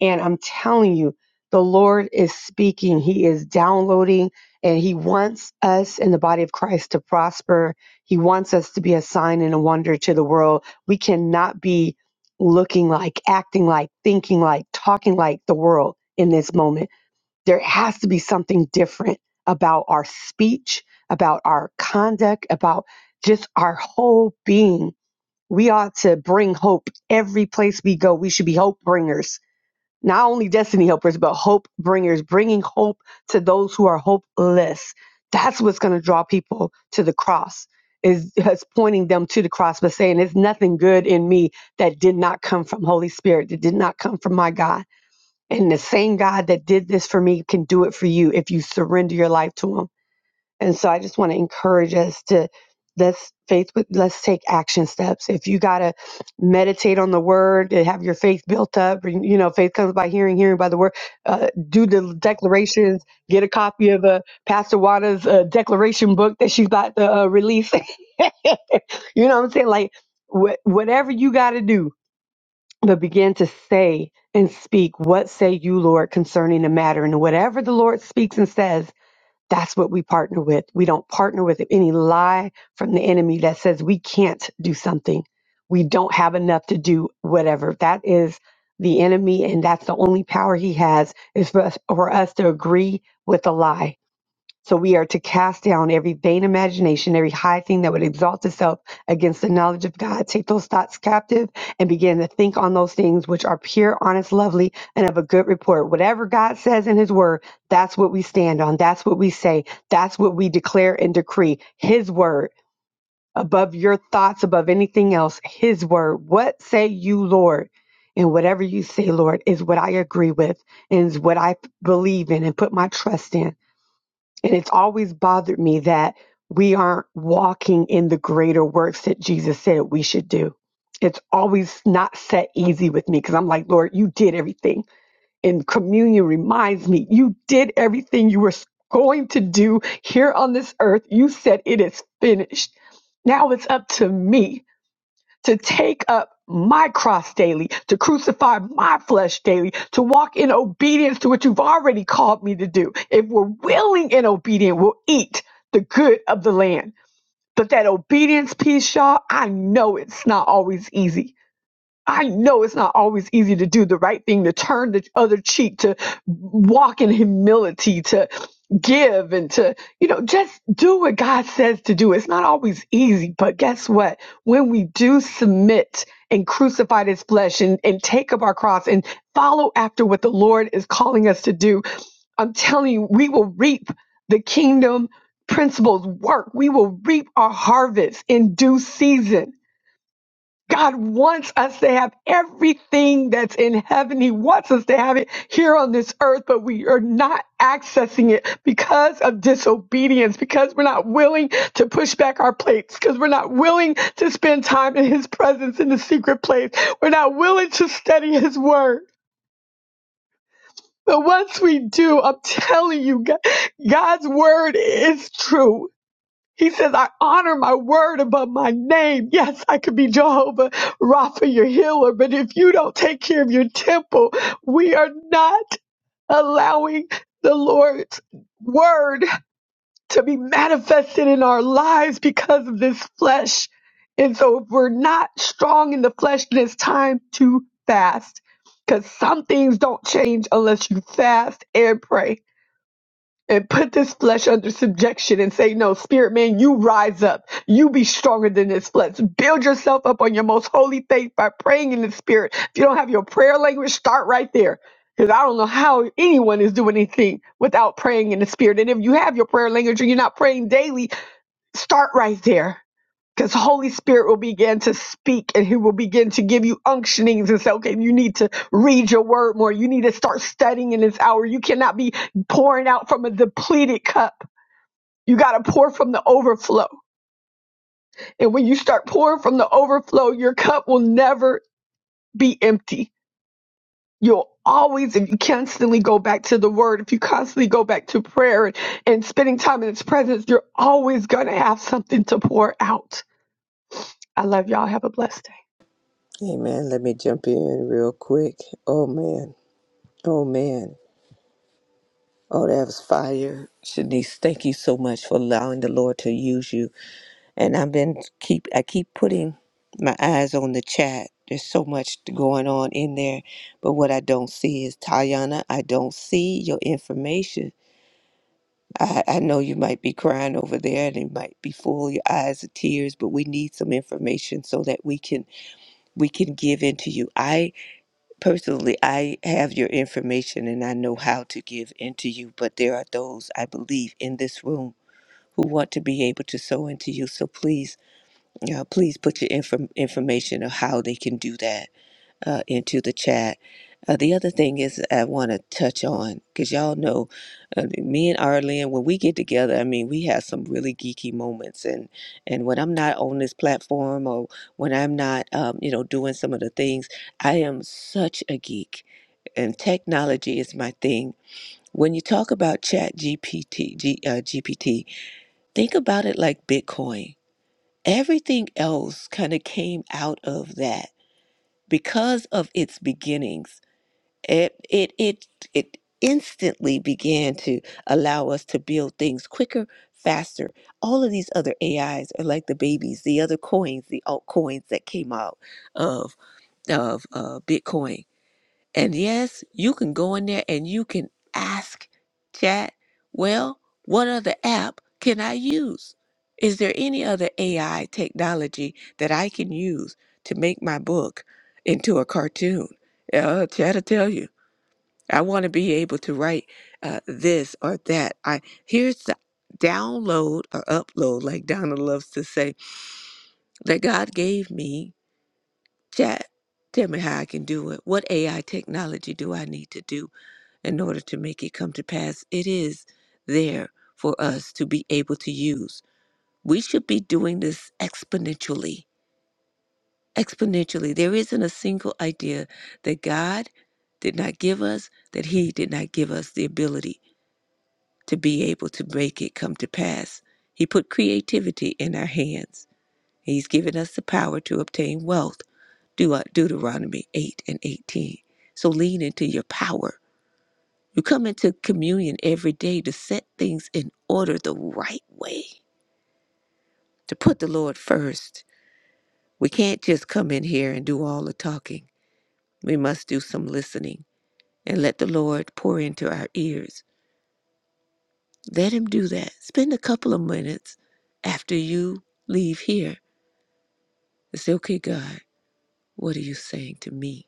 E: and I'm telling you, the Lord is speaking. He is downloading and he wants us in the body of Christ to prosper. He wants us to be a sign and a wonder to the world. We cannot be looking like, acting like, thinking like, talking like the world in this moment. There has to be something different about our speech, about our conduct, about just our whole being. We ought to bring hope every place we go. We should be hope bringers not only destiny helpers, but hope bringers, bringing hope to those who are hopeless. That's what's going to draw people to the cross, is, is pointing them to the cross, but saying, There's nothing good in me that did not come from Holy Spirit, that did not come from my God. And the same God that did this for me can do it for you if you surrender your life to Him and so I just want to encourage us to let's faith with let's take action steps. If you gotta meditate on the word and have your faith built up, and, you know, faith comes by hearing, hearing by the word. Uh, do the declarations. Get a copy of uh, Pastor Wada's uh, declaration book that she's about to uh, release. you know what I'm saying? Like wh- whatever you gotta do, but begin to say and speak. What say you, Lord, concerning the matter? And whatever the Lord speaks and says that's what we partner with. We don't partner with any lie from the enemy that says we can't do something. We don't have enough to do whatever. That is the enemy, and that's the only power he has is for us, for us to agree with a lie so we are to cast down every vain imagination, every high thing that would exalt itself against the knowledge of God. Take those thoughts captive and begin to think on those things which are pure, honest, lovely, and of a good report. Whatever God says in His Word, that's what we stand on. That's what we say. That's what we declare and decree. His Word above your thoughts, above anything else. His Word. What say you, Lord? And whatever you say, Lord, is what I agree with and is what I believe in and put my trust in. And it's always bothered me that we aren't walking in the greater works that Jesus said we should do. It's always not set easy with me because I'm like, Lord, you did everything. And communion reminds me, you did everything you were going to do here on this earth. You said it is finished. Now it's up to me to take up my cross daily, to crucify my flesh daily, to walk in obedience to what you've already called me to do. If we're willing and obedient, we'll eat the good of the land. But that obedience piece, y'all, I know it's not always easy. I know it's not always easy to do the right thing, to turn the other cheek, to walk in humility, to give and to, you know, just do what God says to do. It's not always easy, but guess what? When we do submit and crucify this flesh and, and take up our cross and follow after what the Lord is calling us to do, I'm telling you, we will reap the kingdom principles work. We will reap our harvest in due season God wants us to have everything that's in heaven. He wants us to have it here on this earth, but we are not accessing it because of disobedience, because we're not willing to push back our plates, because we're not willing to spend time in His presence in the secret place. We're not willing to study His word. But once we do, I'm telling you, God- God's word is true. He says, I honor my word above my name. Yes, I could be Jehovah Rapha, your healer, but if you don't take care of your temple, we are not allowing the Lord's word to be manifested in our lives because of this flesh. And so if we're not strong in the flesh, then it's time to fast because some things don't change unless you fast and pray and put this flesh under subjection and say, No, spirit man, you rise up. You be stronger than this flesh. Build yourself up on your most holy faith by praying in the spirit. If you don't have your prayer language, start right there. Because I don't know how anyone is doing anything without praying in the spirit. And if you have your prayer language and you're not praying daily, start right there because Holy Spirit will begin to speak and He will begin to give you unctionings and say, okay, you need to read your word more. You need to start studying in this hour. You cannot be pouring out from a depleted cup. You got to pour from the overflow. And when you start pouring from the overflow, your cup will never be empty. You'll always, if you constantly go back to the word, if you constantly go back to prayer and, and spending time in His presence, you're always going to have something to pour out. I love y'all. Have a blessed day.
C: hey man let me jump in real quick oh man oh man Oh, that was fire. Shanice, thank you so much for allowing the Lord to use you. And I've been keep I keep putting my eyes on the chat. There's so much going on in there. But what I don't see is Tayana, I don't see your information. I, I know you might be crying over there and it might be full your eyes of tears, but we need some information so that we can we can give into you personally, I have your information and I know how to give into you, but there are those I believe in this room who want to be able to sow into you. So please, uh, please put your inform- information of how they can do that uh, into the chat. Uh, the other thing is I want to touch on because y'all know uh, me and Arlene when we get together. I mean, we have some really geeky moments, and and when I'm not on this platform or when I'm not, um, you know, doing some of the things, I am such a geek and technology is my thing. When you talk about Chat GPT, uh, GPT, think about it like Bitcoin. Everything else kind of came out of that because of its beginnings. It it it it instantly began to allow us to build things quicker, faster. All of these other AIs are like the babies, the other coins, the altcoins that came out of of uh, Bitcoin and yes, you can go in there and you can ask chat, well, what other app can I use? Is there any other AI technology that I can use to make my book into a cartoon? Uh, chat will tell you. I want to be able to write uh, this or that. I here's the download or upload, like Donna loves to say, that God gave me. Chat, tell me how I can do it. What AI technology do I need to do? in order to make it come to pass. It is there for us to be able to use. We should be doing this exponentially. Exponentially. There isn't a single idea that God did not give us, that He did not give us the ability to be able to make it come to pass. He put creativity in our hands. He's given us the power to obtain wealth. Deu- Deuteronomy 8 and 18. So lean into your power You come into communion every day to set things in order the right way, to put the Lord first. We can't just come in here and do all the talking. We must do some listening and let the Lord pour into our ears. Let Him do that. Spend a couple of minutes after you leave here and say, okay, God, what are you saying to me?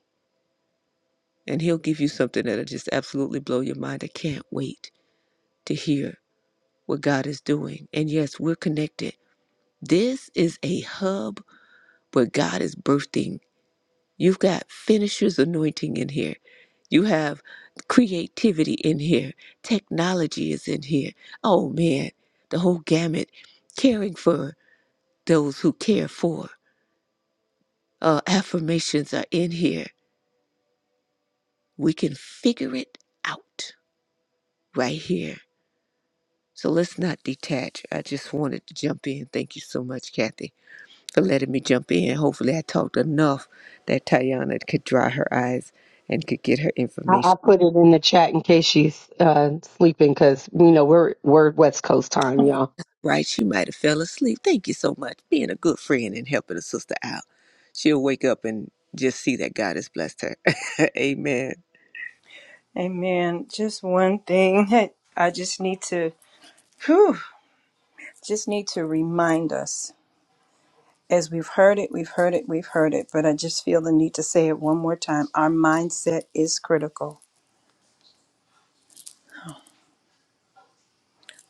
C: And He'll give you something that'll just absolutely blow your mind. I can't wait to hear what God is doing. And yes, we're connected. This is a hub but God is birthing. You've got finisher's anointing in here. You have creativity in here. Technology is in here. Oh man, the whole gamut. Caring for those who care for. Uh, affirmations are in here. We can figure it out right here. So let's not detach. I just wanted to jump in. Thank you so much, Kathy, for letting me jump in. Hopefully, I talked enough that Tayana could dry her eyes and could get her
E: I,
C: information.
E: I put it in the chat in case she's uh, sleeping because you know we're we're West Coast time, y'all.
C: Right, she might have fell asleep. Thank you so much. Being a good friend and helping a sister out. She'll wake up and just see that God has blessed her. Amen.
B: Amen. I just need to, whew, just need to remind us as we've heard it, we've heard it, we've heard it, but I just feel the need to say it one more time. Our mindset is critical.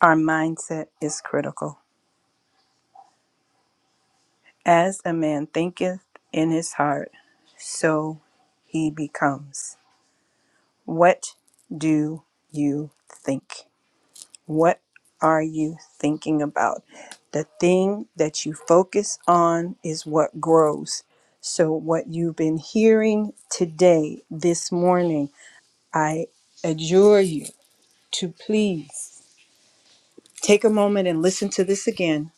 B: Our mindset is critical. As a man thinketh in his heart, so he becomes. What do you think? What are you thinking about? The thing that you focus on is what grows. So, what you've been hearing today, this morning, I adjure you to please take a moment and listen to this again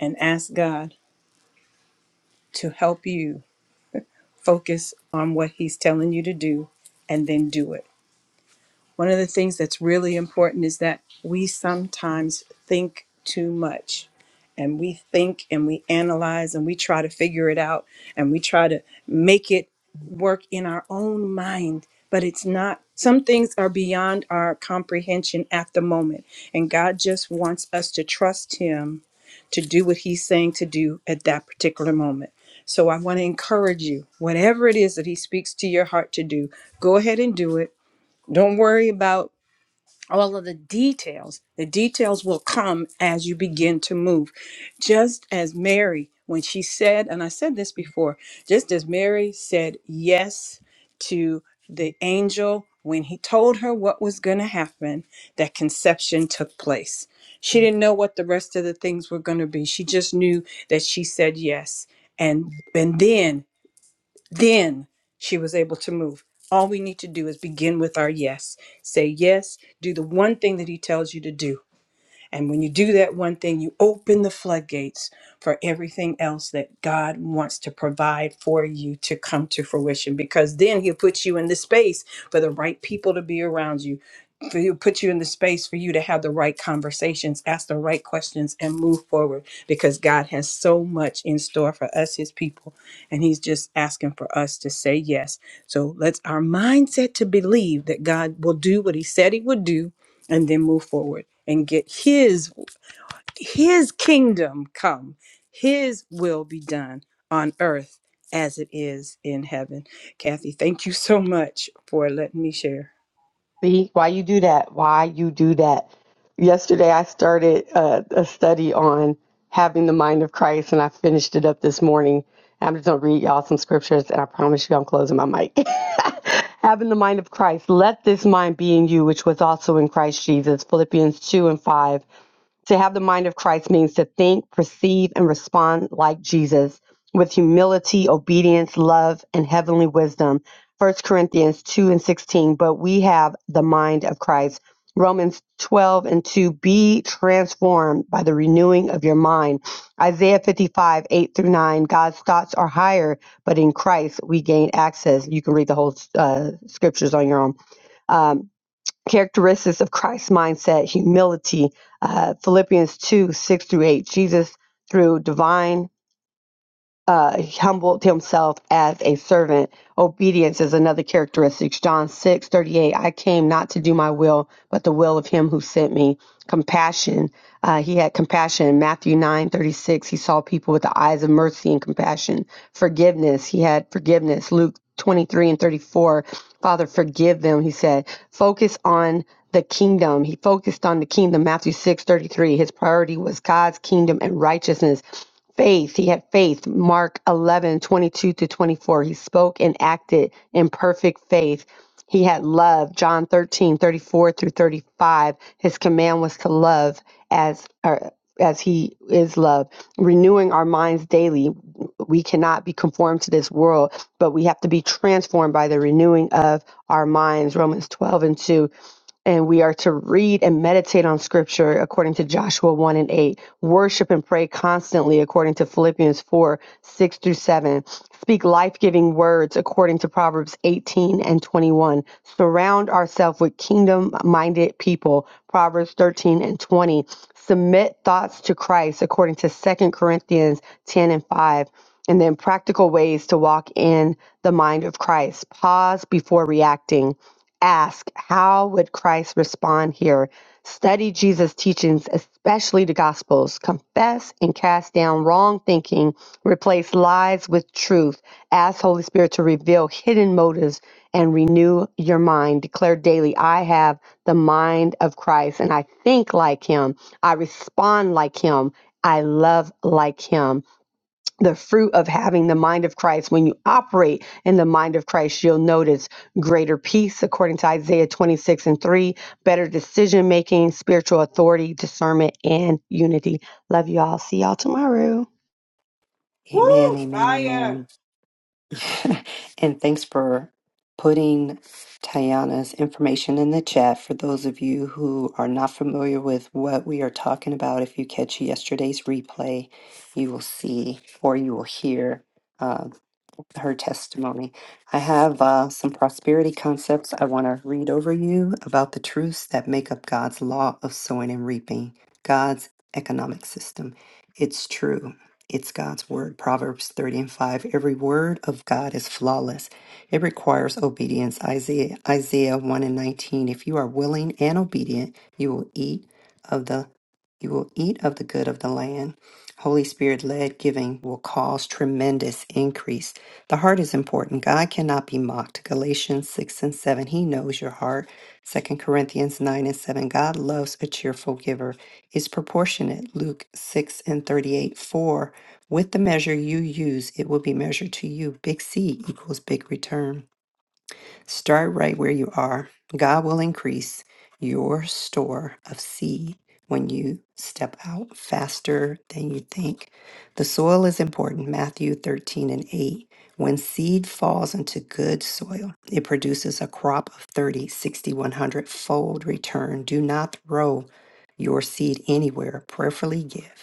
B: and ask God to help you focus on what He's telling you to do and then do it. One of the things that's really important is that we sometimes think too much and we think and we analyze and we try to figure it out and we try to make it work in our own mind but it's not some things are beyond our comprehension at the moment and god just wants us to trust him to do what he's saying to do at that particular moment so i want to encourage you whatever it is that he speaks to your heart to do go ahead and do it don't worry about all of the details. The details will come as you begin to move. Just as Mary, when she said, and I said this before, just as Mary said yes to the angel when he told her what was going to happen, that conception took place. She didn't know what the rest of the things were going to be. She just knew that she said yes. And, and then then she was able to move. All we need to do is begin with our yes. Say yes, do the one thing that he tells you to do. And when you do that one thing, you open the floodgates for everything else that God wants to provide for you to come to fruition. Because then He'll put you in the space for the right people to be around you. For he'll put you in the space for you to have the right conversations, ask the right questions, and move forward. Because God has so much in store for us, His people, and He's just asking for us to say yes. So let's our mindset to believe that God will do what He said He would do and then move forward and get his his kingdom come his will be done on earth as it is in heaven kathy thank you so much for letting me share
E: See why you do that? Why you do that? Yesterday I started uh, a study on having the mind of Christ, and I finished it up this morning. I'm just gonna read y'all some scriptures, and I promise you I'm closing my mic. having the mind of Christ, let this mind be in you, which was also in Christ Jesus. Philippians two and five. To have the mind of Christ means to think, perceive, and respond like Jesus with humility, obedience, love, and heavenly wisdom. First Corinthians 2 and 16, but we have the mind of Christ. Romans 12 and 2, be transformed by the renewing of your mind. Isaiah 55, 8 through 9, God's thoughts are higher, but in Christ we gain access. You can read the whole uh, scriptures on your own Um, characteristics of Christ's mindset, humility, uh, Philippians 2 6 through 8. Jesus, through divine uh, he humbled himself as a servant. Obedience is another characteristic. John six thirty eight. I came not to do my will, but the will of him who sent me. Compassion. Uh, he had compassion. Matthew nine thirty six. He saw people with the eyes of mercy and compassion. Forgiveness. He had forgiveness. Luke 23 and 34. Father, forgive them, he said. Focus on the kingdom. He focused on the kingdom. Matthew six thirty three. His priority was God's kingdom and righteousness Faith, he had faith. Mark 11 22 to 24. He spoke and acted in perfect faith. He had love. John 13 34 through 35. His command was to love as, or as he is love. Renewing our minds daily, we cannot be conformed to this world, but we have to be transformed by the renewing of our minds. Romans 12 and 2 and we are to read and meditate on scripture according to Joshua 1 and 8, worship and pray constantly according to Philippians 4 6 through 7, speak life giving words according to Proverbs 18 and 21, surround ourselves with kingdom minded people, Proverbs 13 and 20, submit thoughts to Christ according to Second Corinthians 10 and 5. And then practical ways to walk in the mind of Christ. Pause before reacting ask how would christ respond here study jesus teachings especially the gospels confess and cast down wrong thinking replace lies with truth ask holy spirit to reveal hidden motives and renew your mind declare daily i have the mind of christ and i think like him i respond like him i love like him the fruit of having the mind of Christ, when you operate in the mind of Christ, you'll notice greater peace, according to Isaiah 26 and 3, better decision making, spiritual authority, discernment, and unity. Love you all. See y'all tomorrow.
B: Woo!
A: Amen. Amen. Amen.
B: Fire!
A: and thanks for putting Tayana's information in the chat for those of you who are not familiar with what we are talking about. If you catch yesterday's replay, you will see or you will hear. um, her testimony. I have uh, some prosperity concepts I want to read over you about the truths that make up God's law of sowing and reaping, God's economic system. It's true. It's God's word. Proverbs 30 and 5. Every word of God is flawless. It requires obedience. Isaiah, Isaiah 1 and 19. If you are willing and obedient, you will eat of the you will eat of the good of the land. Holy Spirit led giving will cause tremendous increase. The heart is important. God cannot be mocked. Galatians 6 and 7. He knows your heart. Second Corinthians 9 and 7. God loves a cheerful giver. Is proportionate. Luke 6 and 38. For with the measure you use, it will be measured to you. Big C equals big return. Start right where you are. God will increase your store of seed when you step out faster than you think. The soil is important. Matthew 13 and 8. When seed falls into good soil, it produces a crop of 30, 60, 100 fold return. Do not throw your seed anywhere. Prayerfully give.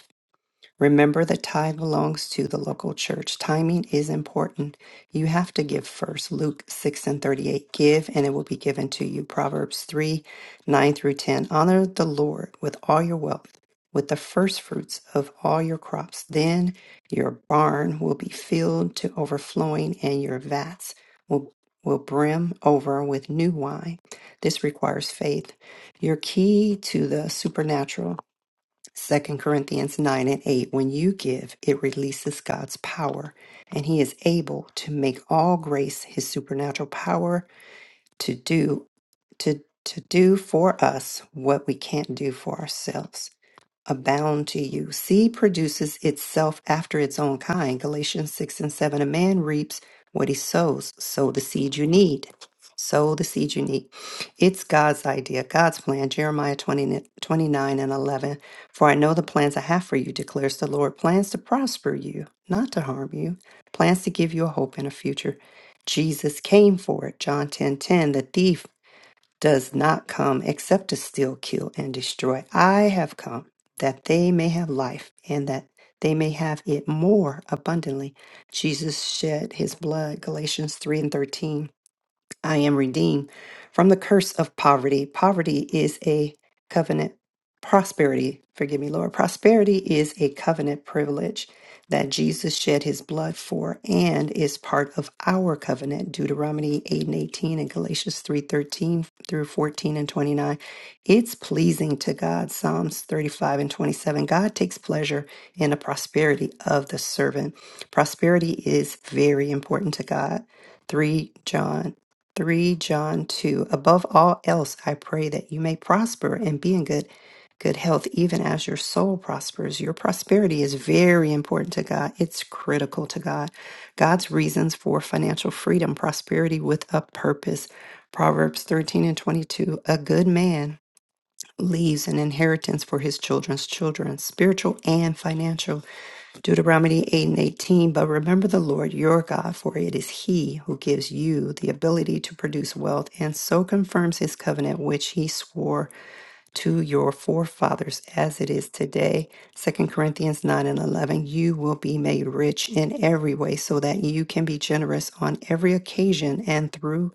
A: Remember the tithe belongs to the local church. Timing is important. You have to give first. Luke 6 and 38. Give and it will be given to you. Proverbs 3, 9 through 10. Honor the Lord with all your wealth, with the first fruits of all your crops. Then your barn will be filled to overflowing and your vats will, will brim over with new wine. This requires faith. Your key to the supernatural Second Corinthians 9 and 8, when you give, it releases God's power, and He is able to make all grace His supernatural power to do to to do for us what we can't do for ourselves abound to you. Seed produces itself after its own kind. Galatians 6 and 7. A man reaps what he sows. Sow the seed you need. Sow the seed you need. It's God's idea, God's plan. Jeremiah 20 29 and 11. For I know the plans I have for you, declares the Lord plans to prosper you, not to harm you, plans to give you a hope and a future. Jesus came for it. John 10 10. The thief does not come except to steal, kill, and destroy. I have come that they may have life and that they may have it more abundantly. Jesus shed his blood, Galatians 3 and 13 I am redeemed from the curse of poverty. Poverty is a covenant prosperity. Forgive me, Lord. Prosperity is a covenant privilege that Jesus shed his blood for and is part of our covenant. Deuteronomy 8 and 18 and Galatians 3 13 through 14 and 29. It's pleasing to God. Psalms 35 and 27. God takes pleasure in the prosperity of the servant. Prosperity is very important to God. 3 John 3 John 2 Above all else I pray that you may prosper and be in good good health even as your soul prospers. Your prosperity is very important to God. It's critical to God. God's reasons for financial freedom, prosperity with a purpose. Proverbs 13 and 22 A good man leaves an inheritance for his children's children, spiritual and financial. Deuteronomy 8 and 18, but remember the Lord your God, for it is He who gives you the ability to produce wealth and so confirms His covenant which He swore to your forefathers as it is today. Second Corinthians 9 and 11, you will be made rich in every way so that you can be generous on every occasion and through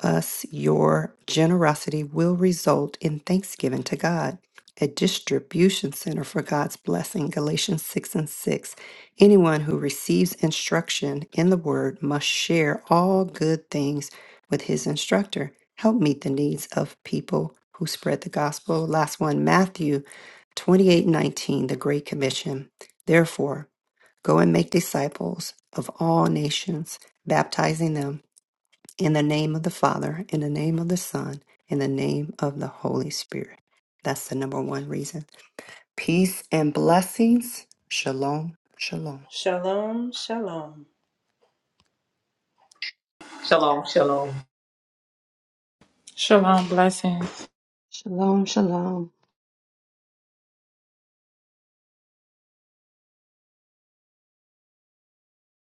A: us your generosity will result in thanksgiving to God. A distribution center for God's blessing, Galatians 6 and 6. Anyone who receives instruction in the word must share all good things with his instructor. Help meet the needs of people who spread the gospel. Last one, Matthew 28 19, the Great Commission. Therefore, go and make disciples of all nations, baptizing them in the name of the Father, in the name of the Son, in the name of the Holy Spirit. That's the number one reason. Peace and blessings. Shalom. Shalom.
B: Shalom, shalom.
C: Shalom, shalom.
D: Shalom, blessings.
E: Shalom, shalom.